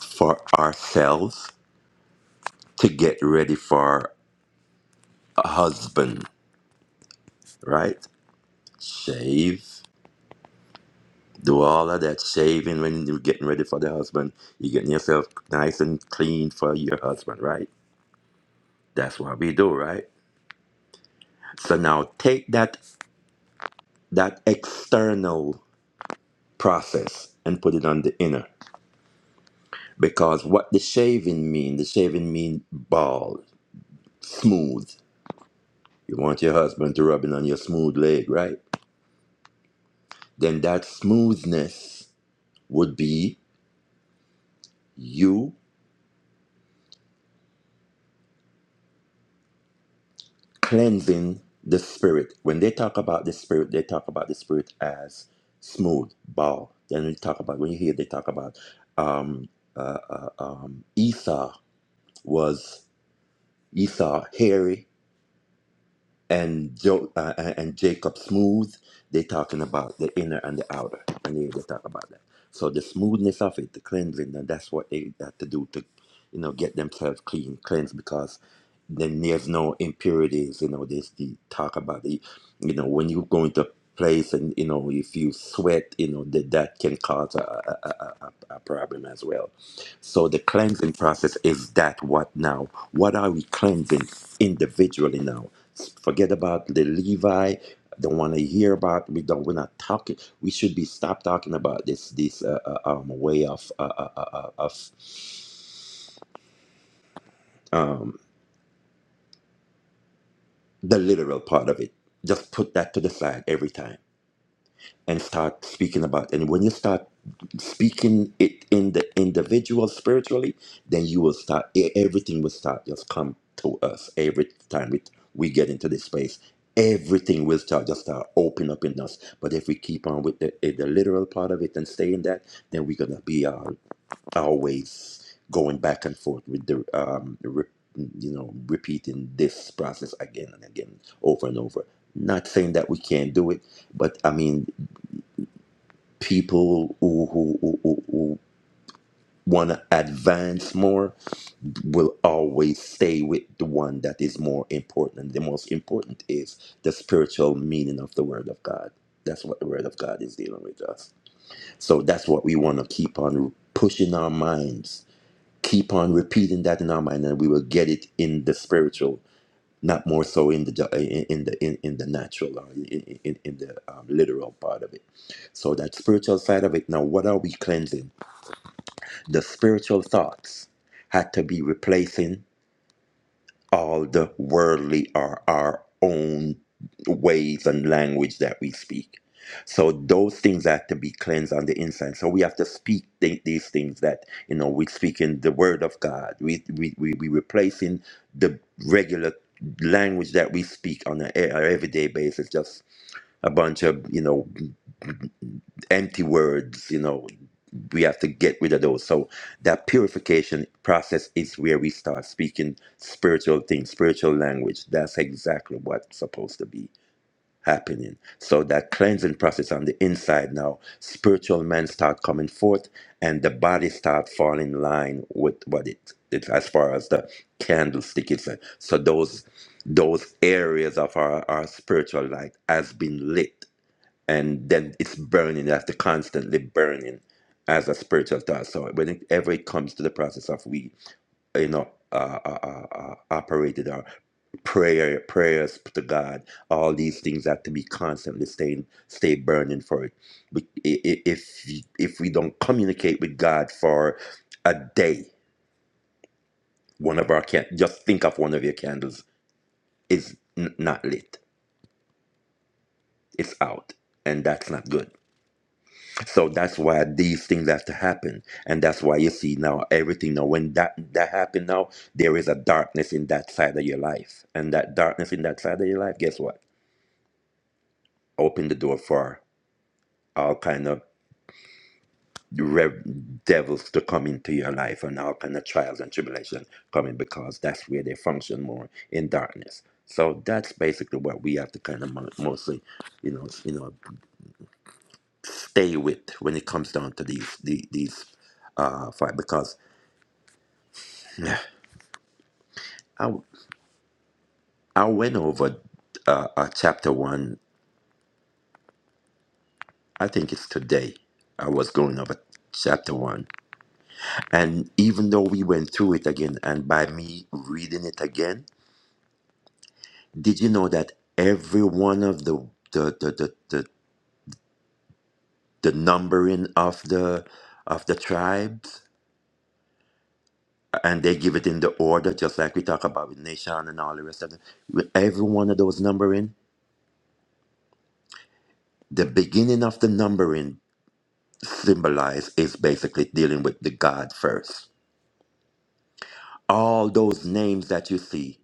S3: for ourselves to get ready for a husband, right? Shave, do all of that shaving when you're getting ready for the husband. You're getting yourself nice and clean for your husband, right? That's what we do, right? So now take that that external process and put it on the inner. Because what the shaving mean, the shaving mean bald, smooth. You want your husband to rub it on your smooth leg, right? Then that smoothness would be you cleansing the spirit. When they talk about the spirit, they talk about the spirit as smooth, bald. Then we talk about when you hear they talk about um, uh, uh, um, Esau was Esau hairy, and jo- uh, and Jacob Smooth, they talking about the inner and the outer, and they, they talk about that. So the smoothness of it, the cleansing, and that's what they have to do to, you know, get themselves clean, cleanse because then there's no impurities. You know, there's the talk about the, you know, when you go into a place and you know if you sweat, you know that that can cause a a, a, a a problem as well. So the cleansing process is that what now? What are we cleansing individually now? Forget about the Levi. Don't want to hear about. We don't. We're not talking. We should be stop talking about this this uh, uh, um, way of uh, uh, uh, uh, of um, the literal part of it. Just put that to the side every time. and start speaking about and when you start speaking it in the individual spiritually then you will start e- everything will start just come to us every time it, we get into this space everything will start just start open up in us but if we keep on with the, eh, the literal part of it and stay in that then we're gonna be uh, always going back and forth with the um re- you know repeating this process again and again over and over not saying that we can't do it but i mean people who, who, who, who who want to advance more will always stay with the one that is more important. And the most important is the spiritual meaning of the Word of God. That's what the Word of God is dealing with us. So that's what we want to keep on pushing our minds. Keep on repeating that in our mind, and we will get it in the spiritual not more so in the ju- in in the in, in the natural or in, in, in the um, literal part of it so that spiritual side of it now what are we cleansing the spiritual thoughts had to be replacing all the worldly are our own ways and language that we speak. So those things have to be cleansed on the inside. So we have to speak th- these things that you know we speak in the Word of God. We we we we replacing the regular language that we speak on an everyday basis, just a bunch of you know empty words, you know we have to get rid of those. So that purification process is where we start speaking spiritual things, spiritual language. That's exactly what's supposed to be happening. So that cleansing process on the inside now, spiritual men start coming forth and the body start falling in line with what it, it as far as the candlestick is. So those those areas of our, our spiritual light has been lit and then it's burning. That's the constantly burning as a spiritual thought. So whenever it comes to the process of we, you know, uh, uh, uh, uh, operated our prayer, prayers to God, all these things have to be constantly staying, stay burning for it. We, i- i- if if we don't communicate with God for a day, one of our can just think of one of your candles is n- not lit. It's out, and that's not good So that's why these things have to happen, and that's why you see now everything. Now, when that that happened, now there is a darkness in that side of your life, and that darkness in that side of your life, guess what? Open the door for all kind of rev- devils to come into your life, and all kind of trials and tribulation coming because that's where they function more in darkness. So that's basically what we have to kind of mo- mostly, you know, you know, stay with when it comes down to these the- these uh fight because. I, I went over uh, uh, chapter one. I think it's today. I was going over chapter one, and even though we went through it again, and by me reading it again, did you know that every one of the the the the, the, the numbering of the of the tribes and they give it in the order just like we talk about with nation and all the rest of them with every one of those numbering the beginning of the numbering symbolize is basically dealing with the god first all those names that you see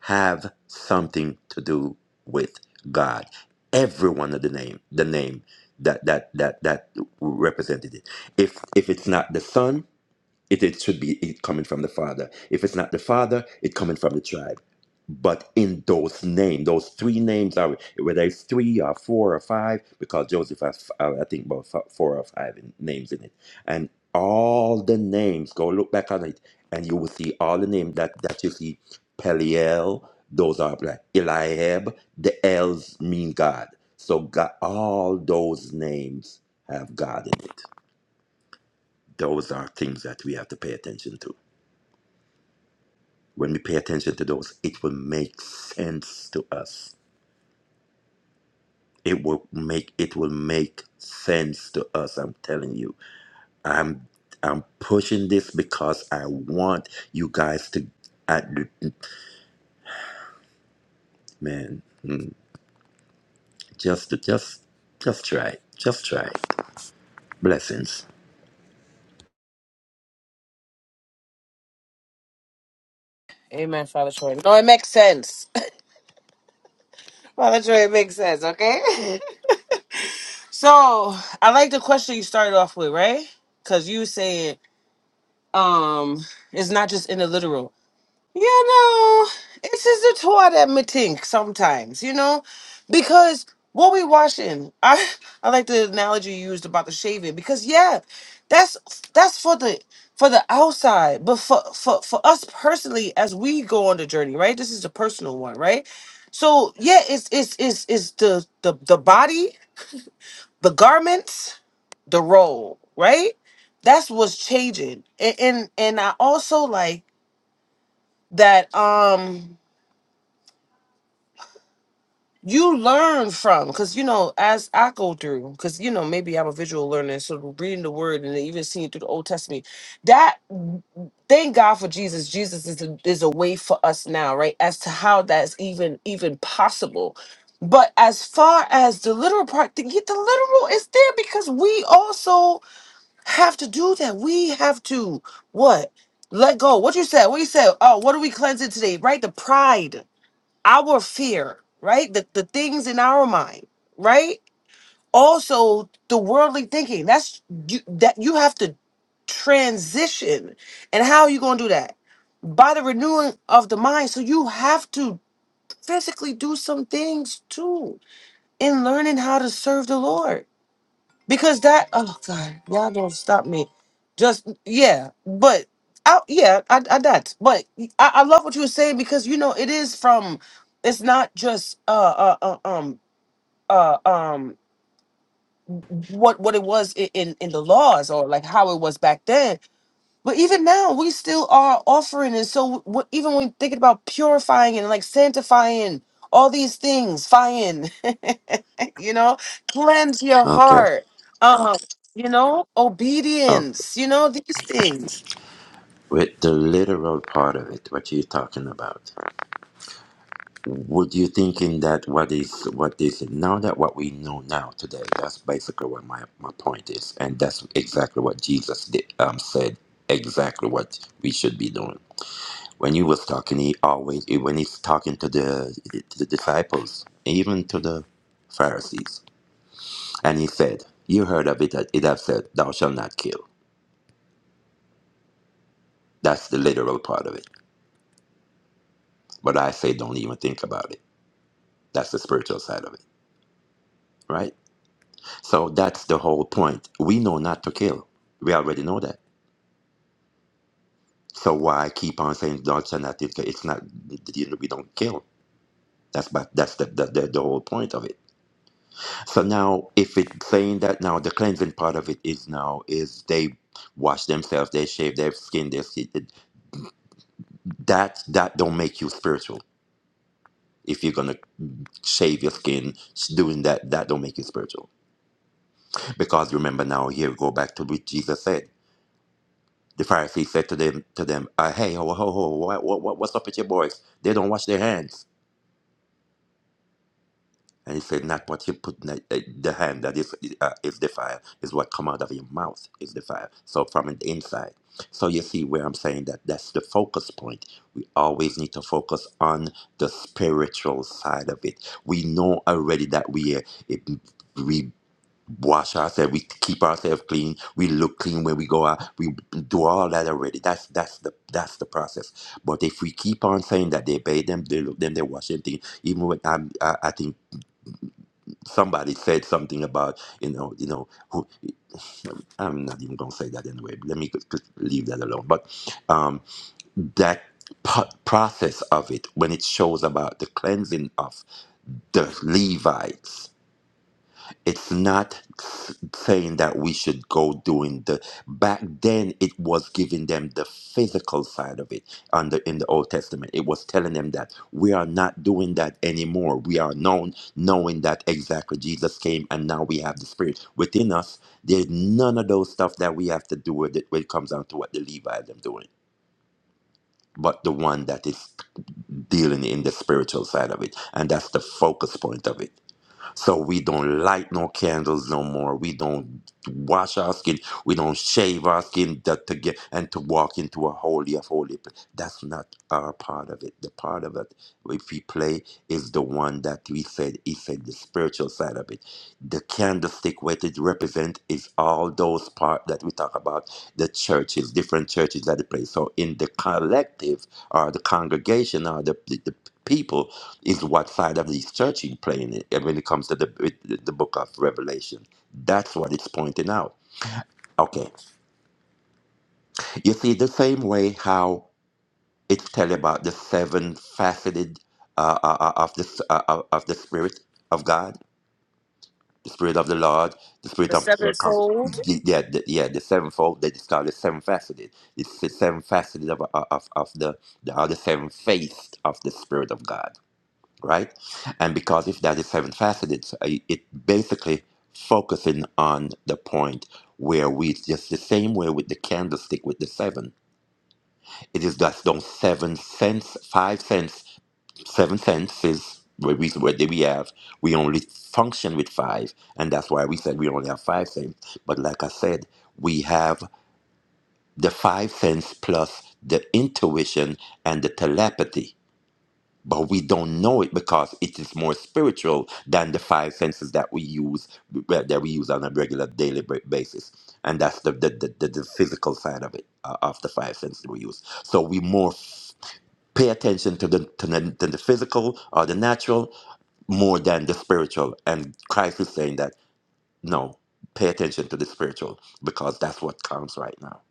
S3: have something to do with God. Every one of the name, the name that that that that represented it. If if it's not the Son, it, it should be it coming from the father if it's not the father it coming from the tribe but in those names those three names are whether it's three or four or five because joseph has uh, i think about f- four or five in, names in it and all the names go look back on it and you will see all the names that that you see peliel those are like eliab the l's mean god so god, all those names have god in it those are things that we have to pay attention to When we pay attention to those, it will make sense to us. It will make it will make sense to us. I'm telling you. I'm I'm pushing this because I want you guys to I, man, just just just try. it. Just try. it. Blessings.
S1: Amen, Father Troy. No, it makes sense. Father Troy, it makes sense, okay? so I like the question you started off with, right? Because you said um it's not just in the literal. You know, it is the tour that me think sometimes, you know, because what we washing, I I like the analogy you used about the shaving because yeah, that's that's for the for the outside, but for for for us personally as we go on the journey, right? This is a personal one, right? So yeah, it's it's it's it's the the the body, the garments, the role, right? That's what's changing, and and, and I also like that. Um you learn from because you know as i go through because you know maybe i'm a visual learner so reading the word and then even seeing through the old testament that thank god for jesus jesus is a, is a way for us now right as to how that's even even possible but as far as the literal part the, the literal is there because we also have to do that we have to what let go what you said what you said oh what are we cleansing today right the pride our fear, right? The the things in our mind, right? Also the worldly thinking. That's you that you have to transition. And how are you gonna do that? By the renewing of the mind. So you have to physically do some things too in learning how to serve the Lord because that oh god y'all don't stop me just yeah but I, yeah I, I that but I, I love what you were saying because you know it is from it's not just uh, uh uh, um uh um what what it was i- in in the laws or like how it was back then but even now, we still are offering, and so w- even when thinking about purifying and like sanctifying all these things, fine, you know, cleanse your
S3: Okay.
S1: heart, um, you know,
S3: okay.
S1: obedience, you know, these things.
S3: With the literal part of it, what are you talking about? Would you thinking that what is what is now that what we know now today? That's basically what my, my point is, and that's exactly what Jesus did, um, said. Exactly what we should be doing. When he was talking, he always when he's talking to the to the disciples, even to the Pharisees, and he said, "You heard of it that it have said, Thou shalt not kill." That's the literal part of it. But I say, don't even think about it. That's the spiritual side of it, right? So that's the whole point. We know not to kill. We already know that. So why keep on saying don't say nothing? It's not we don't kill. That's but that's the, the, the the whole point of it. So now, if it's saying that now the cleansing part of it is now is they wash themselves, they shave their skin, their skin. That that don't make you spiritual. If you're gonna shave your skin, doing that that don't make you spiritual. Because remember now, here we go back to what Jesus said. The Pharisees said to them, to them, uh, "Hey, ho, ho, ho, what, what, what's up with your boys? They don't wash their hands." And he said, "Not what you put in the, uh, the hand that is eh, uh, is defiled is what come out of your mouth is defiled. So from the inside. So you see where I'm saying that that's the focus point. We always need to focus on the spiritual side of it. We know already that we are. It, we wash ourselves, we keep ourselves clean, we look clean when we go out, we do all that already. That's that's the that's the process. But if we keep on saying that they bathe them, they look them, they wash them, thing, even when I'm, I, I think somebody said something about you know you know who I'm not even gonna say that anyway. Let me just- just leave that alone. But um, that po- process of it when it shows about the cleansing of the Levites it's not s- saying that we should go doing the back then it was giving them the physical side of it under in the old testament it was telling them that we are not doing that anymore we are known knowing that exactly jesus came and now we have the spirit within us there's none of those stuff that we have to do with it when it comes down to what the levites are doing but the one that is dealing in the spiritual side of it and that's the focus point of it so we don't light no candles no more. We don't wash our skin. We don't shave our skin that to get and to walk into a holy of holy. pla- That's not our part of it. The part of it if we play is the one that we said he said the spiritual side of it. The candlestick what it represent is all those part that we talk about the churches, different churches that it plays. So in the collective or the congregation or the, the the people is what side of this church he's playing it and when it comes to the, with the book of revelation that's what it's pointing out okay you see the same way how it's telling about the seven faceted uh, uh, uh, of the s- uh, uh, of the spirit of god the spirit of the lord the
S1: The
S3: spirit of uh, cons-
S1: sevenfold.
S3: the- yeah the, yeah the sevenfold they describe the seven faceted it's the seven faceted of, uh, of, of the, the are the seven faced of the spirit of god right? And because if that is seven faceted, so i- it basically focusing on the point where we just the same way with the candlestick with the seven. It is just those seven cents, five cents, seven senses where we where we have we only function with five, and that's why we said we only have five senses. But like I said, we have the five sense plus the intuition and the telepathy but we don't know it because it is more spiritual than the five senses that we use that we use on a regular daily ba- basis and that's the the, the, the, the physical side of it uh, of the five senses we use so we more f- pay attention to the, to the to the physical or the natural more than the spiritual and christ is saying that no pay attention to the spiritual because that's what counts right now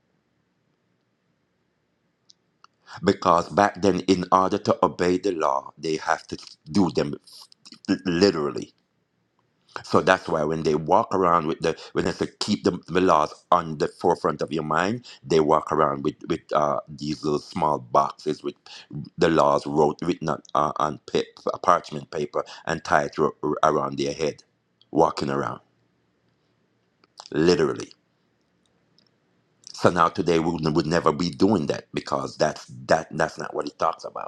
S3: because back then in order to obey the law they have to do them literally So that's why when they walk around with the when they say keep the, the laws on the forefront of your mind, they walk around with with uh, these little small boxes with the laws wrote written on, uh, on pa- parchment paper and tied ro- around their head, walking around literally. So now today we would would never be doing that because that's that that's not what he talks about.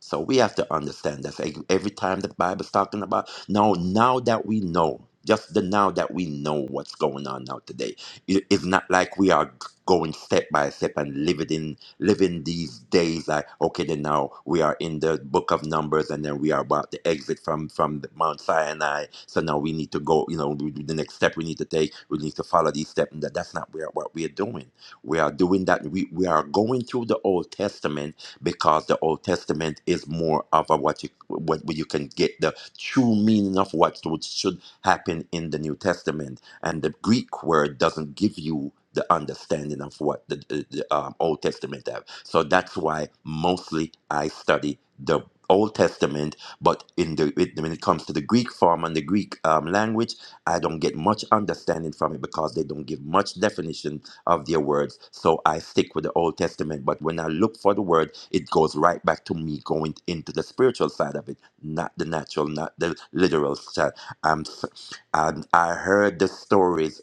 S3: So we have to understand that ev- every time the Bible's talking about now, now that we know, just the now that we know what's going on now today, it- it's not like we are going step by step and living in living these days like okay, then now we are in the book of Numbers and then we are about to exit from from the Mount Sinai. So now we need to go. You know, we- we- the next step we need to take, we need to follow these steps. And that, that's not where, what we are doing. We are doing that. We we are going through the Old Testament because the Old Testament is more of a what you what where you can get the true meaning of what what should happen in the New Testament, and the Greek word doesn't give you the understanding of what the, the, the um, Old Testament have. So that's why mostly I study the Old Testament, but in the it, when it comes to the Greek form and the Greek um, language, I don't get much understanding from it because they don't give much definition of their words. So I stick with the Old Testament. But when I look for the word, it goes right back to me going into the spiritual side of it, not the natural, not the literal side. I'm, s- I'm, I heard the stories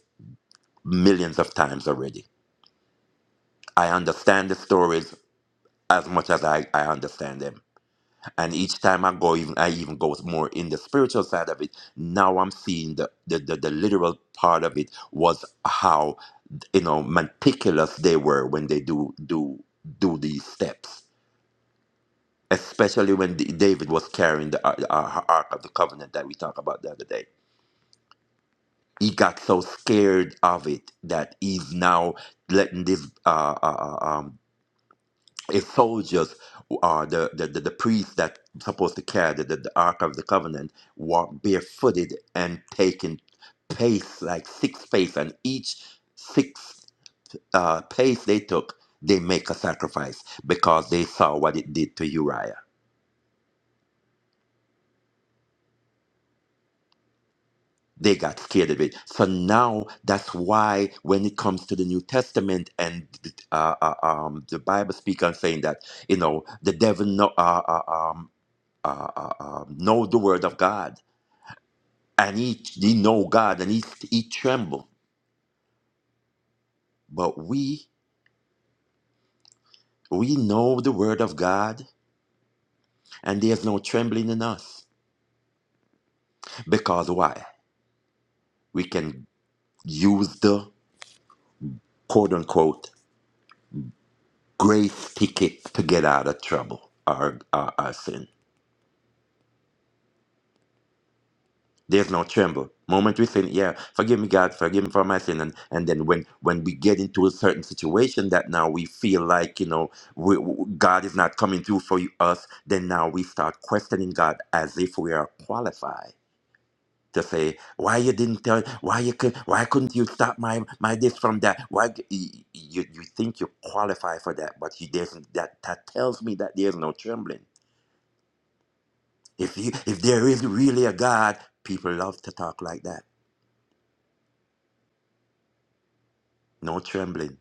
S3: millions of times already. I understand the stories as much as I, I understand them. And each time I go, even I even go more in the spiritual side of it. Now I'm seeing the, the, the, the literal part of it was how you know meticulous they were when they do do do these steps especially when D- david was carrying the, Ar- the Ar- ark of the covenant that we talked about the other day he got so scared of it that he's now letting this uh, uh, uh, um his soldiers uh, the, the the the priest that supposed to carry the, the, the ark of the covenant walk barefooted and taking pace like six pace and each six uh, pace they took, they make a sacrifice because they saw what it did to Uriah. They got scared of it. So now that's why when it comes to the New Testament and uh, uh, um, the Bible speaks on saying that, you know, the devil know, uh, uh, um, uh, uh, um, know the word of God and he, he know God and he, he tremble. But we, we know the word of God and there's no trembling in us. Because why? We can use the quote unquote grace ticket to get out of trouble or our, our sin. There's no tremble. Moment we sin, yeah, forgive me, God, forgive me for my sin, and and then when when we get into a certain situation that now we feel like you know we, we- God is not coming through for you, us, then now we start questioning God as if we are qualified. to say why you didn't tell why you could why couldn't you stop my my this from that why g- y- you you think you qualify for that but you doesn't that that tells me that there's no trembling if you if there is really a god people love to talk like that no trembling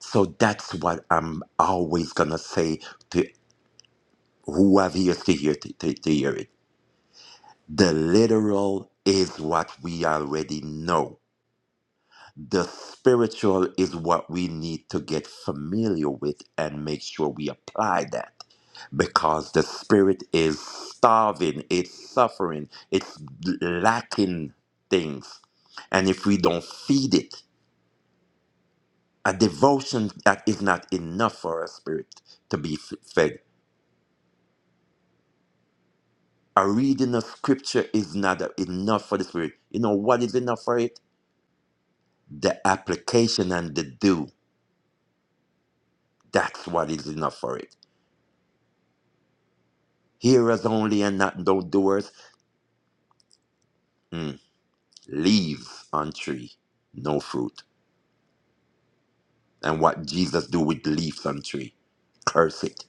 S3: so that's what i'm always gonna say to whoever is to hear to, to, to hear it the literal is what we already know the spiritual is what we need to get familiar with and make sure we apply that because the spirit is starving it's suffering it's lacking things and if we don't feed it a devotion that is not enough for our spirit to be f- fed a reading of scripture is not enough for the spirit you know what is enough for it the application and the do that's what is enough for it Hearers only and not no doers. Mm, Leaves on tree, no fruit. And what Jesus do with leaves on tree? Curse it.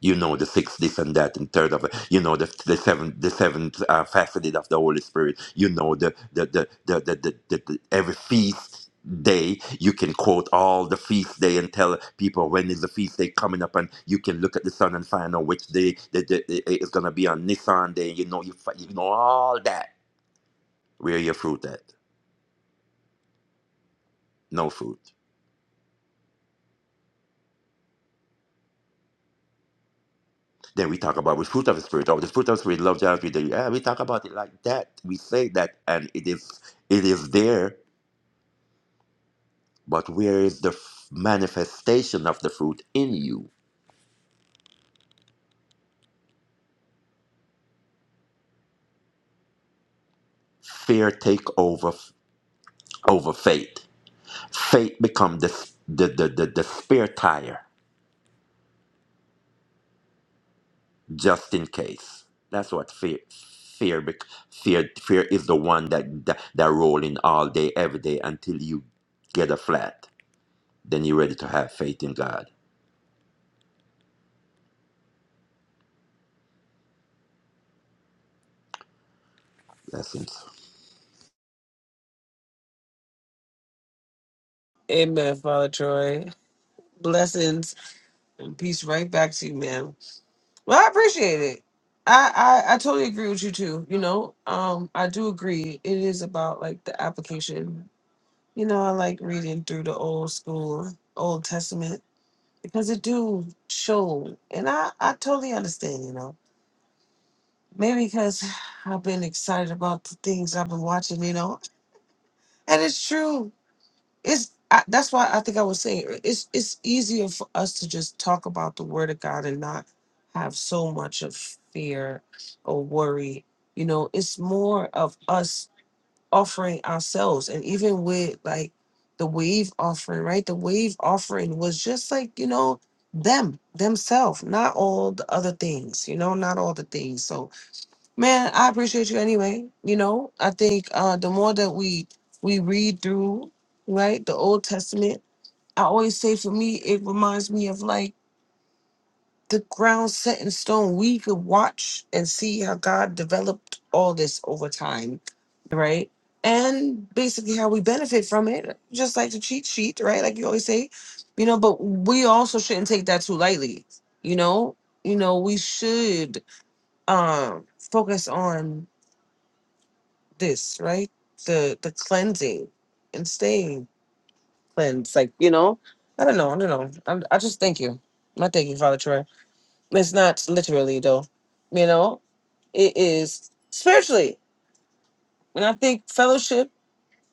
S3: You know the six this and that and third of it. You know the the seven the seventh uh, faceted of the Holy Spirit. You know the the the the, the, the, the, the every feast day you can quote all the feast day and tell people when is the feast day coming up and you can look at the sun and find out which day the, the, the- it's going to be on nissan day you know you, fi- you know all that Where your fruit at? No fruit. Then we talk about the fruit of the spirit or the fruit of the spirit, love, joy, peace. joy. Yeah, we talk about it like that. We say that, and it is it is there. But where is the f- manifestation of the fruit in you? Fear take over f- over faith. Faith become the s- the the the, the spare tire just in case. That's what fear fear bec- fear fear is the one that that, that rolling all day every day until you get a flat. then you're ready to have faith in God. That seems.
S1: Amen, Father Troy. Blessings and peace right back to you, man. Well, I appreciate it. I, I I totally agree with you too. You know, um, I do agree. It is about like the application You know, I like reading through the old school, Old Testament, because it do show, and I I totally understand. You know, maybe because I've been excited about the things I've been watching. You know, and it's true. It's I, that's why I think I was saying it- it's it's easier for us to just talk about the Word of God and not have so much of fear or worry. You know, it's more of us offering ourselves and even with like the wave offering right the wave offering was just like you know them themselves not all the other things you know not all the things so man i appreciate you anyway you know i think uh the more that we we read through right the old testament i always say for me it reminds me of like the ground set in stone. We could watch and see how God developed all this over time, right? And basically how we benefit from it, just like the cheat sheet, right? Like you always say, you know, but we also shouldn't take that too lightly, you know? You know, we should um focus on this, right? The the cleansing and staying cleansed. Like, you know, I don't know, I don't know. I'm, I just thank you. I thank you, Father Troy. It's not literally though. You know, it is spiritually. And I think fellowship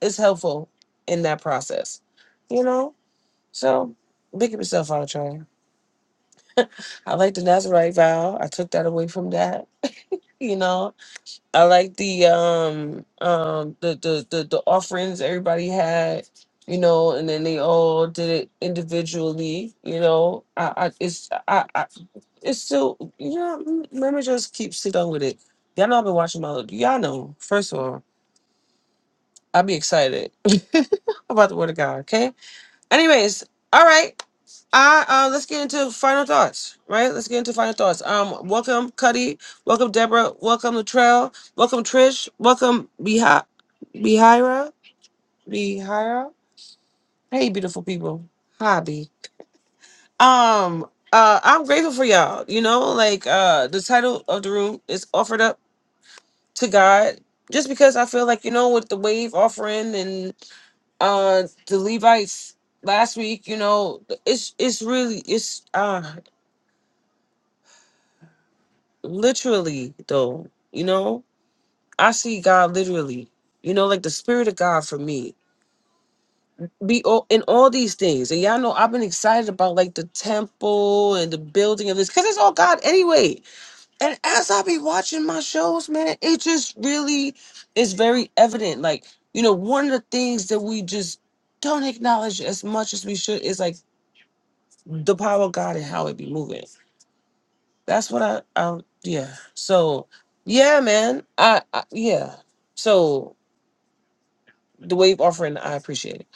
S1: is helpful in that process. You know? So pick yourself out, Charlie. I like the Nazarite vow. I took that away from that. You know, I like the um um the the the, the offerings everybody had, you know, and then they all did it individually, you know. I, I it's I, I it's still yeah. m- Let me just keep sitting with it. Y'all know I've been watching my. Y'all know. First of all, I be excited about the word of God. Okay. Anyways, all right. I uh, let's get into final thoughts. Right. Let's get into final thoughts. Um, welcome Cuddy. Welcome Deborah. Welcome Latrell. Welcome Trish. Welcome Behi Behira. Behira. Hey, beautiful people. Hobby. Um. Uh, I'm grateful for y'all. You know, like uh, the title of the room is offered up to God just because I feel like you know with the wave offering and uh the Levites last week, you know, it's it's really it's uh literally though, you know, I see God literally, you know, like the spirit of God for me. Be all, in all these things, and y'all know I've been excited about like the temple and the building of this because it's all God anyway. and as I be watching my shows, man, it just really is very evident. Like, you know, one of the things that we just don't acknowledge as much as we should is like the power of God and how it be moving. That's what I, I yeah. So, yeah, man. I, I yeah. So the wave offering, I appreciate it.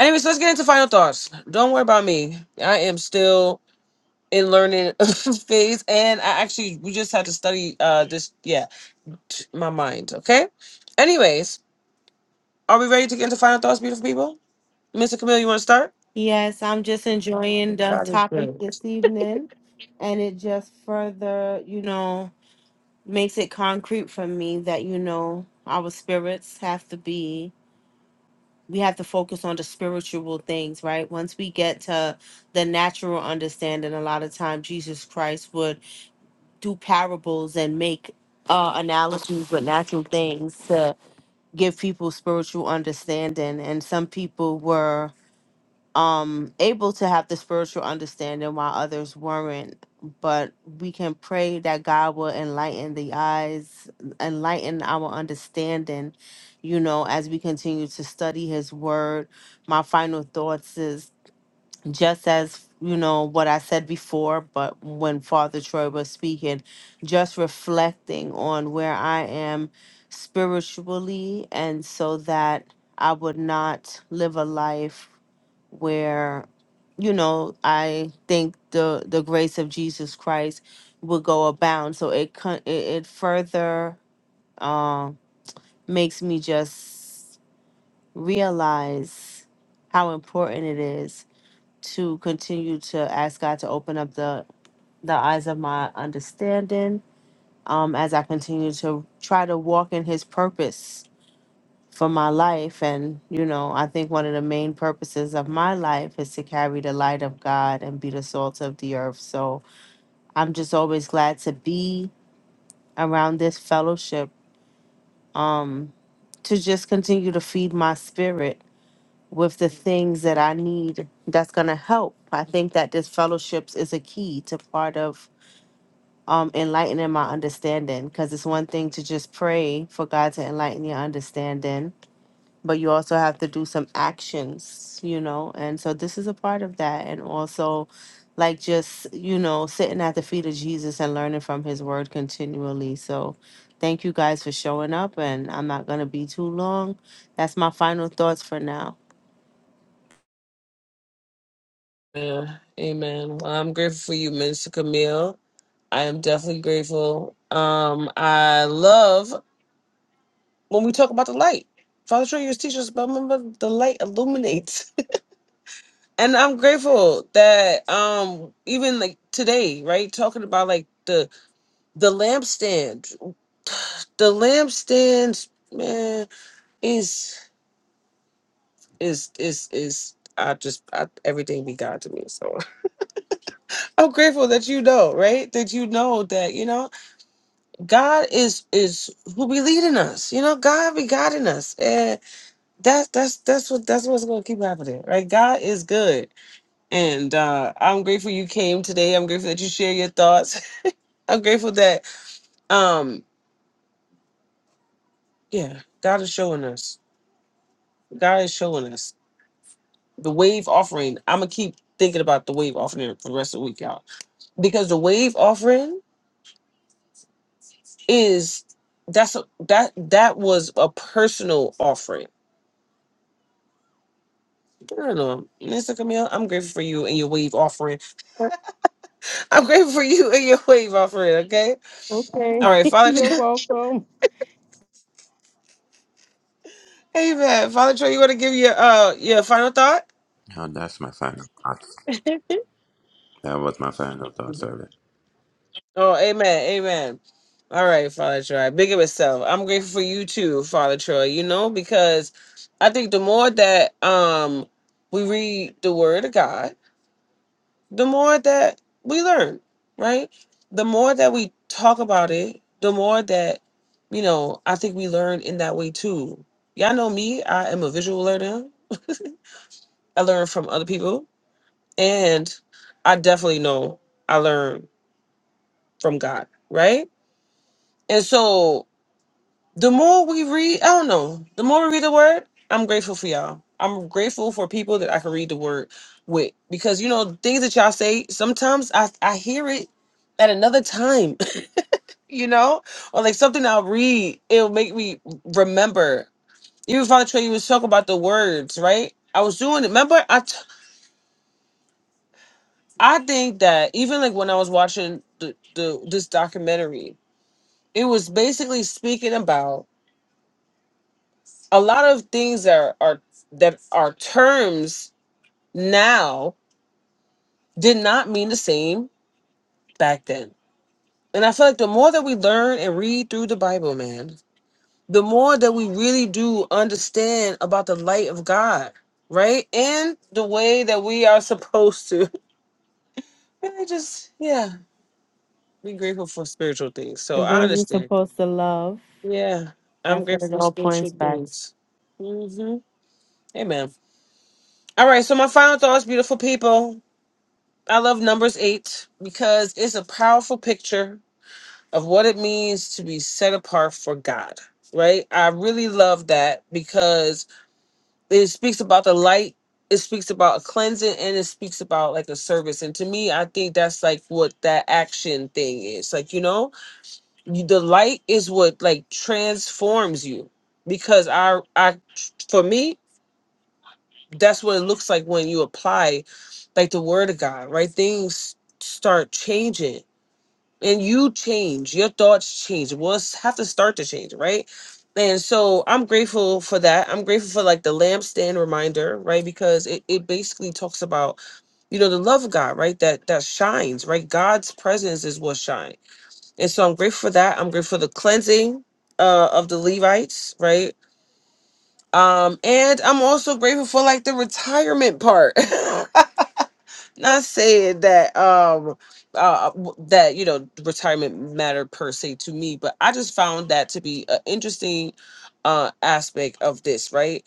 S1: Anyways, let's get into final thoughts. Don't worry about me. I am still in learning phase, and I actually we just had to study uh this. yeah, t- my mind. Okay. Anyways, are we ready to get into final thoughts, beautiful people? Mr. Camille, you want to start?
S2: Yes, I'm just enjoying the
S1: God is
S2: topic
S1: good.
S2: this evening, and it just further, you know, makes it concrete for me that, you know, our spirits have to be, we have to focus on the spiritual things, right? Once we get to the natural understanding, a lot of times Jesus Christ would do parables and make uh, analogies with natural things to give people spiritual understanding, and some people were um able to have the spiritual understanding while others weren't but we can pray that god will enlighten the eyes enlighten our understanding you know as we continue to study his word my final thoughts is just as you know what i said before but when father troy was speaking just reflecting on where i am spiritually and so that i would not live a life where you know i think the the grace of jesus christ will go abound so it con- it, it further um makes me just realize how important it is to continue to ask god to open up the the eyes of my understanding um as i continue to try to walk in his purpose for my life. And, you know, I think one of the main purposes of my life is to carry the light of God and be the salt of the earth. So I'm just always glad to be around this fellowship um, to just continue to feed my spirit with the things that I need that's going to help. I think that this fellowships is a key to part of um, enlightening my understanding because it's one thing to just pray for God to enlighten your understanding but you also have to do some actions, you know. And so this is a part of that. And also, like, just, you know, sitting at the feet of Jesus and learning from his word continually. So thank you guys for showing up. And I'm not going to be too long. That's my final thoughts for now.
S1: Yeah, amen. Well, I'm grateful for you, Mr. Camille. I am definitely grateful. Um, I love when we talk about the light. Father Junior's teachers, but remember the light illuminates. and I'm grateful that um even like today, right, talking about like the the lampstand. The lampstand, man, is is is is I just I, everything be God to me. So I'm grateful that you know, right? That you know that you know God is is who be leading us. You know, God be guiding us, and that's that's that's what that's what's gonna keep happening, right? God is good, and uh I'm grateful you came today. I'm grateful that you share your thoughts. I'm grateful that um yeah, God is showing us. God is showing us the wave offering. I'm gonna keep thinking about the wave offering for the rest of the week, y'all because the wave offering is that's a, that that was a personal offering. I don't know, Mr. Camille. I'm grateful for you and your wave offering. I'm grateful for you and your wave offering. Okay. All right, Father.
S2: Welcome.
S1: Amen. Father Troy, you want to give your uh your final thought?
S3: Now that's my final thoughts. That was my final thoughts
S1: Mhm.
S3: earlier.
S1: Oh, amen, amen. All right, Father Troy. Big of itself. I'm grateful for you too, Father Troy. You know because I think the more that um we read the Word of God the more that we learn, right? The more that we talk about it, the more that, you know, I think we learn in that way too. Y'all know me, I am a visual learner. I learn from other people, and I definitely know I learn from God, right? And so the more we read, I don't know, the more we read the word, I'm grateful for y'all. I'm grateful for people that I can read the word with because you know things that y'all say sometimes I I hear it at another time you know, or like something I'll read, it'll make me remember. Even Father Trey, you was talking about the words, right? I was doing it. Remember, I t- I think that even like when I was watching the, the this documentary, it was basically speaking about a lot of things that are, are that are terms now did not mean the same back then. And I feel like the more that we learn and read through the Bible, man, the more that we really do understand about the light of God, right? And the way that we are supposed to. And I just, yeah, be grateful for spiritual things. So
S2: The
S1: I
S2: way we're
S1: understand.
S2: supposed to love,
S1: Yeah, I'm
S2: that's what it
S1: grateful for
S2: all
S1: spiritual
S2: points back to.
S1: things. hmm Amen. All right, so my final thoughts, beautiful people. I love Numbers 8 because it's a powerful picture of what it means to be set apart for God, right? I really love that because it speaks about the light it speaks about a cleansing and it speaks about like a service and to me i think that's like what that action thing is like you know you, the light is what like transforms you because i i for me that's what it looks like when you apply like the word of god right things start changing and you change your thoughts change we'll s- have to start to change right and so i'm grateful for that i'm grateful for like the lampstand reminder right because it, it basically talks about you know the love of god right that that shines right god's presence is what shines and so i'm grateful for that i'm grateful for the cleansing uh of the levites right um and i'm also grateful for like the retirement part not saying that um uh w- that you know retirement mattered per se to me but i just found that to be an interesting uh aspect of this right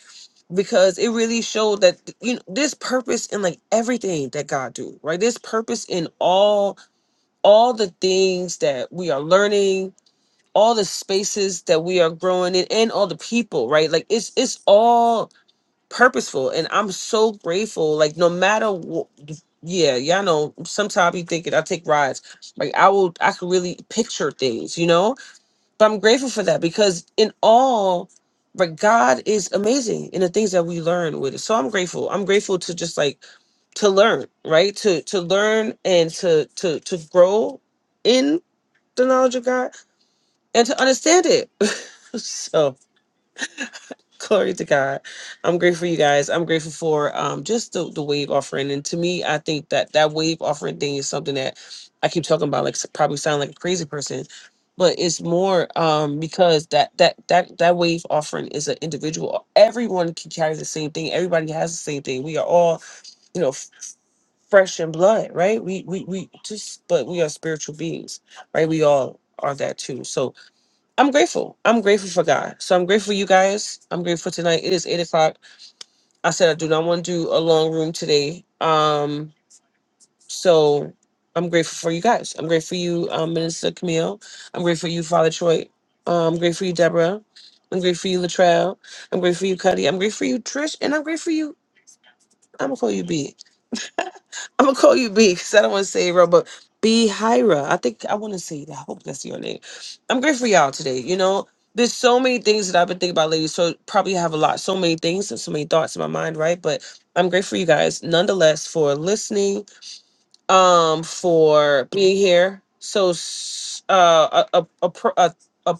S1: because it really showed that th- you know this purpose in like everything that god do right this purpose in all all the things that we are learning all the spaces that we are growing in and all the people right like it's it's all purposeful and i'm so grateful like no matter what yeah y'all know sometimes you thinking i take rides like i will i could really picture things you know but i'm grateful for that because in all but god is amazing in the things that we learn with it so i'm grateful i'm grateful to just like to learn right to to learn and to to to grow in the knowledge of god and to understand it so Glory to God. I'm grateful, you guys. I'm grateful for um, just the, the wave offering. And to me, I think that that wave offering thing is something that I keep talking about, like s- probably sound like a crazy person, but it's more um, because that that that that wave offering is an individual. Everyone can carry the same thing. Everybody has the same thing. We are all, you know, f- fresh in blood, right? We we we just, but we are spiritual beings, right? We all are that too. So I'm grateful. I'm grateful for God. So I'm grateful for you guys. I'm grateful tonight. It is eight o'clock. I said I do not want to do a long room today. Um, so I'm grateful for you guys. I'm grateful for you, um, Minister Camille. I'm grateful for you, Father Troy. Um, I'm grateful for you, Deborah. I'm grateful for you, Latrell. I'm grateful for you, Cuddy. I'm grateful for you, Trish, and I'm grateful for you. I'm gonna call you B. I'm gonna call you B because I don't want to say it wrong, but B Hira. I think I want to say that. I hope that's your name. I'm grateful for y'all today. You know, there's so many things that I've been thinking about ladies. So probably have a lot, so many things and so many thoughts in my mind, right? But I'm grateful for you guys nonetheless for listening, um, for being here. So s- uh, a a a, pro- a, a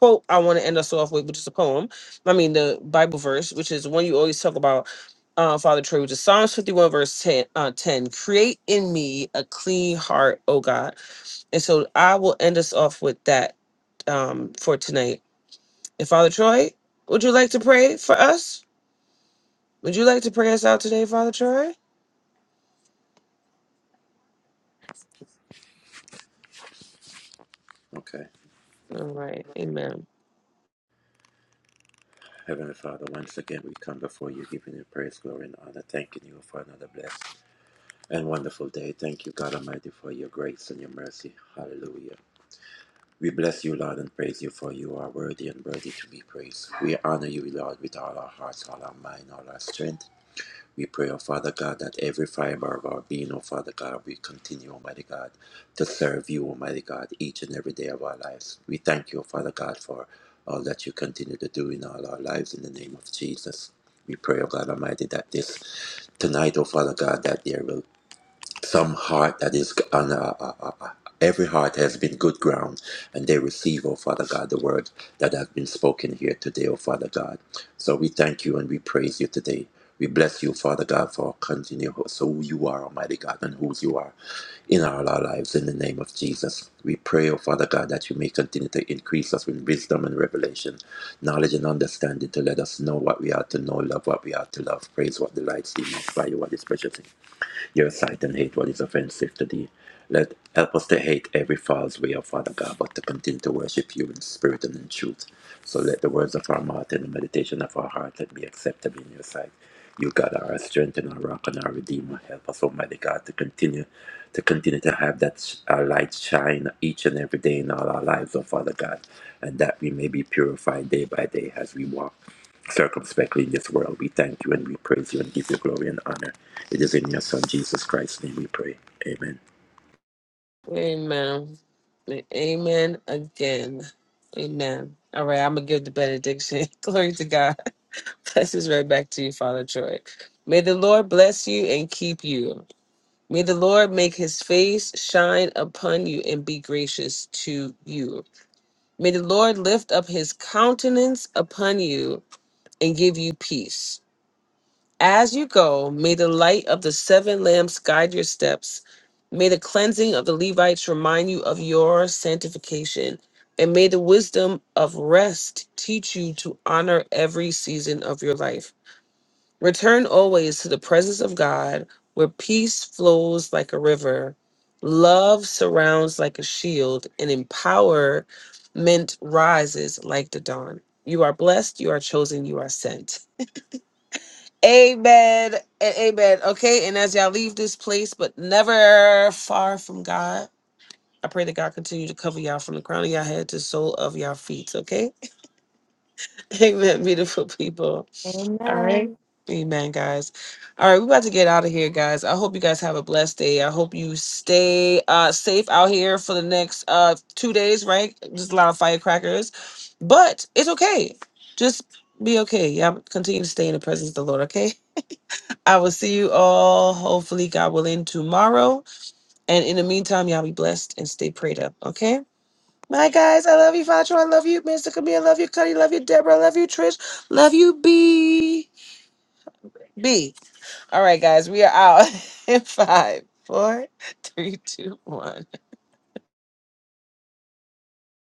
S1: quote I want to end us off with, which is a poem. I mean, the Bible verse, which is one you always talk about, uh, Father Troy, which is Psalms 51, verse 10, uh, 10. Create in me a clean heart, O God. And so I will end us off with that um, for tonight. And Father Troy, would you like to pray for us? Would you like to pray us out today, Father Troy?
S3: Okay.
S1: All right. Amen.
S3: Heavenly Father, once again we come before you, giving you praise, glory, and honor, thanking you for another blessed and wonderful day. Thank you, God Almighty, for your grace and your mercy. Hallelujah. We bless you, Lord, and praise you, for you are worthy and worthy to be praised. We honor you, Lord, with all our hearts, all our mind, all our strength. We pray, oh Father God, that every fiber of our being, oh Father God, we continue, Almighty God, to serve you, Almighty God, each and every day of our lives. We thank you, oh Father God, for all that you continue to do in all our lives in the name of Jesus. We pray, oh God Almighty, that this tonight, oh Father God, that there will some heart that is on uh, uh, uh, uh, every heart has been good ground and they receive oh father god the word that has been spoken here today oh father god so we thank you and we praise you today we bless you father god for continue so who you are almighty god and whose you are in all our lives in the name of jesus we pray oh father god that you may continue to increase us with wisdom and revelation knowledge and understanding to let us know what we are to know love what we are to love praise what delights in us by you what is precious in your sight and hate what is offensive to thee. Let help us to hate every false way of Father God, but to continue to worship you in spirit and in truth. So let the words of our mouth and the meditation of our heart let be acceptable in your sight. You God are our strength and our rock and our redeemer. Help us, Almighty God, to continue to continue to have that sh- our light shine each and every day in all our lives, O Father God, and that we may be purified day by day as we walk circumspectly in this world. We thank you and we praise you and give you glory and honor. It is in your Son, Jesus Christ's name, we pray. Amen.
S1: Amen. And Amen again. Amen. All right, I'm gonna give the benediction. Glory to God. Blessings right back to you, Father Troy. May the Lord bless you and keep you. May the Lord make his face shine upon you and be gracious to you. May the Lord lift up his countenance upon you and give you peace. As you go, may the light of the seven lamps guide your steps. May the cleansing of the Levites remind you of your sanctification. And may the wisdom of rest teach you to honor every season of your life. Return always to the presence of God, where peace flows like a river, love surrounds like a shield, and empowerment rises like the dawn. You are blessed, you are chosen, you are sent. Amen and amen. Okay, and as y'all leave this place, but never far from God, I pray that God continue to cover y'all from the crown of y'all head to the sole of y'all feet. Okay, amen, beautiful people. All
S2: Amen.
S1: right. Amen, guys. All right, we're about to get out of here, guys. I hope you guys have a blessed day. I hope you stay uh safe out here for the next uh two days, right? Just a lot of firecrackers. But it's okay. Just be okay. Yeah, continue to stay in the presence of the Lord, okay? I will see you all, hopefully, God willing, tomorrow. And in the meantime, y'all be blessed and stay prayed up, okay? Bye, guys. I love you, Father. I love you, Mr. Camille. I love you, Cuddy. Love you, Deborah. I love you, Trish. Love you, B. B. All right, guys, we are out in five, four, three, two, one.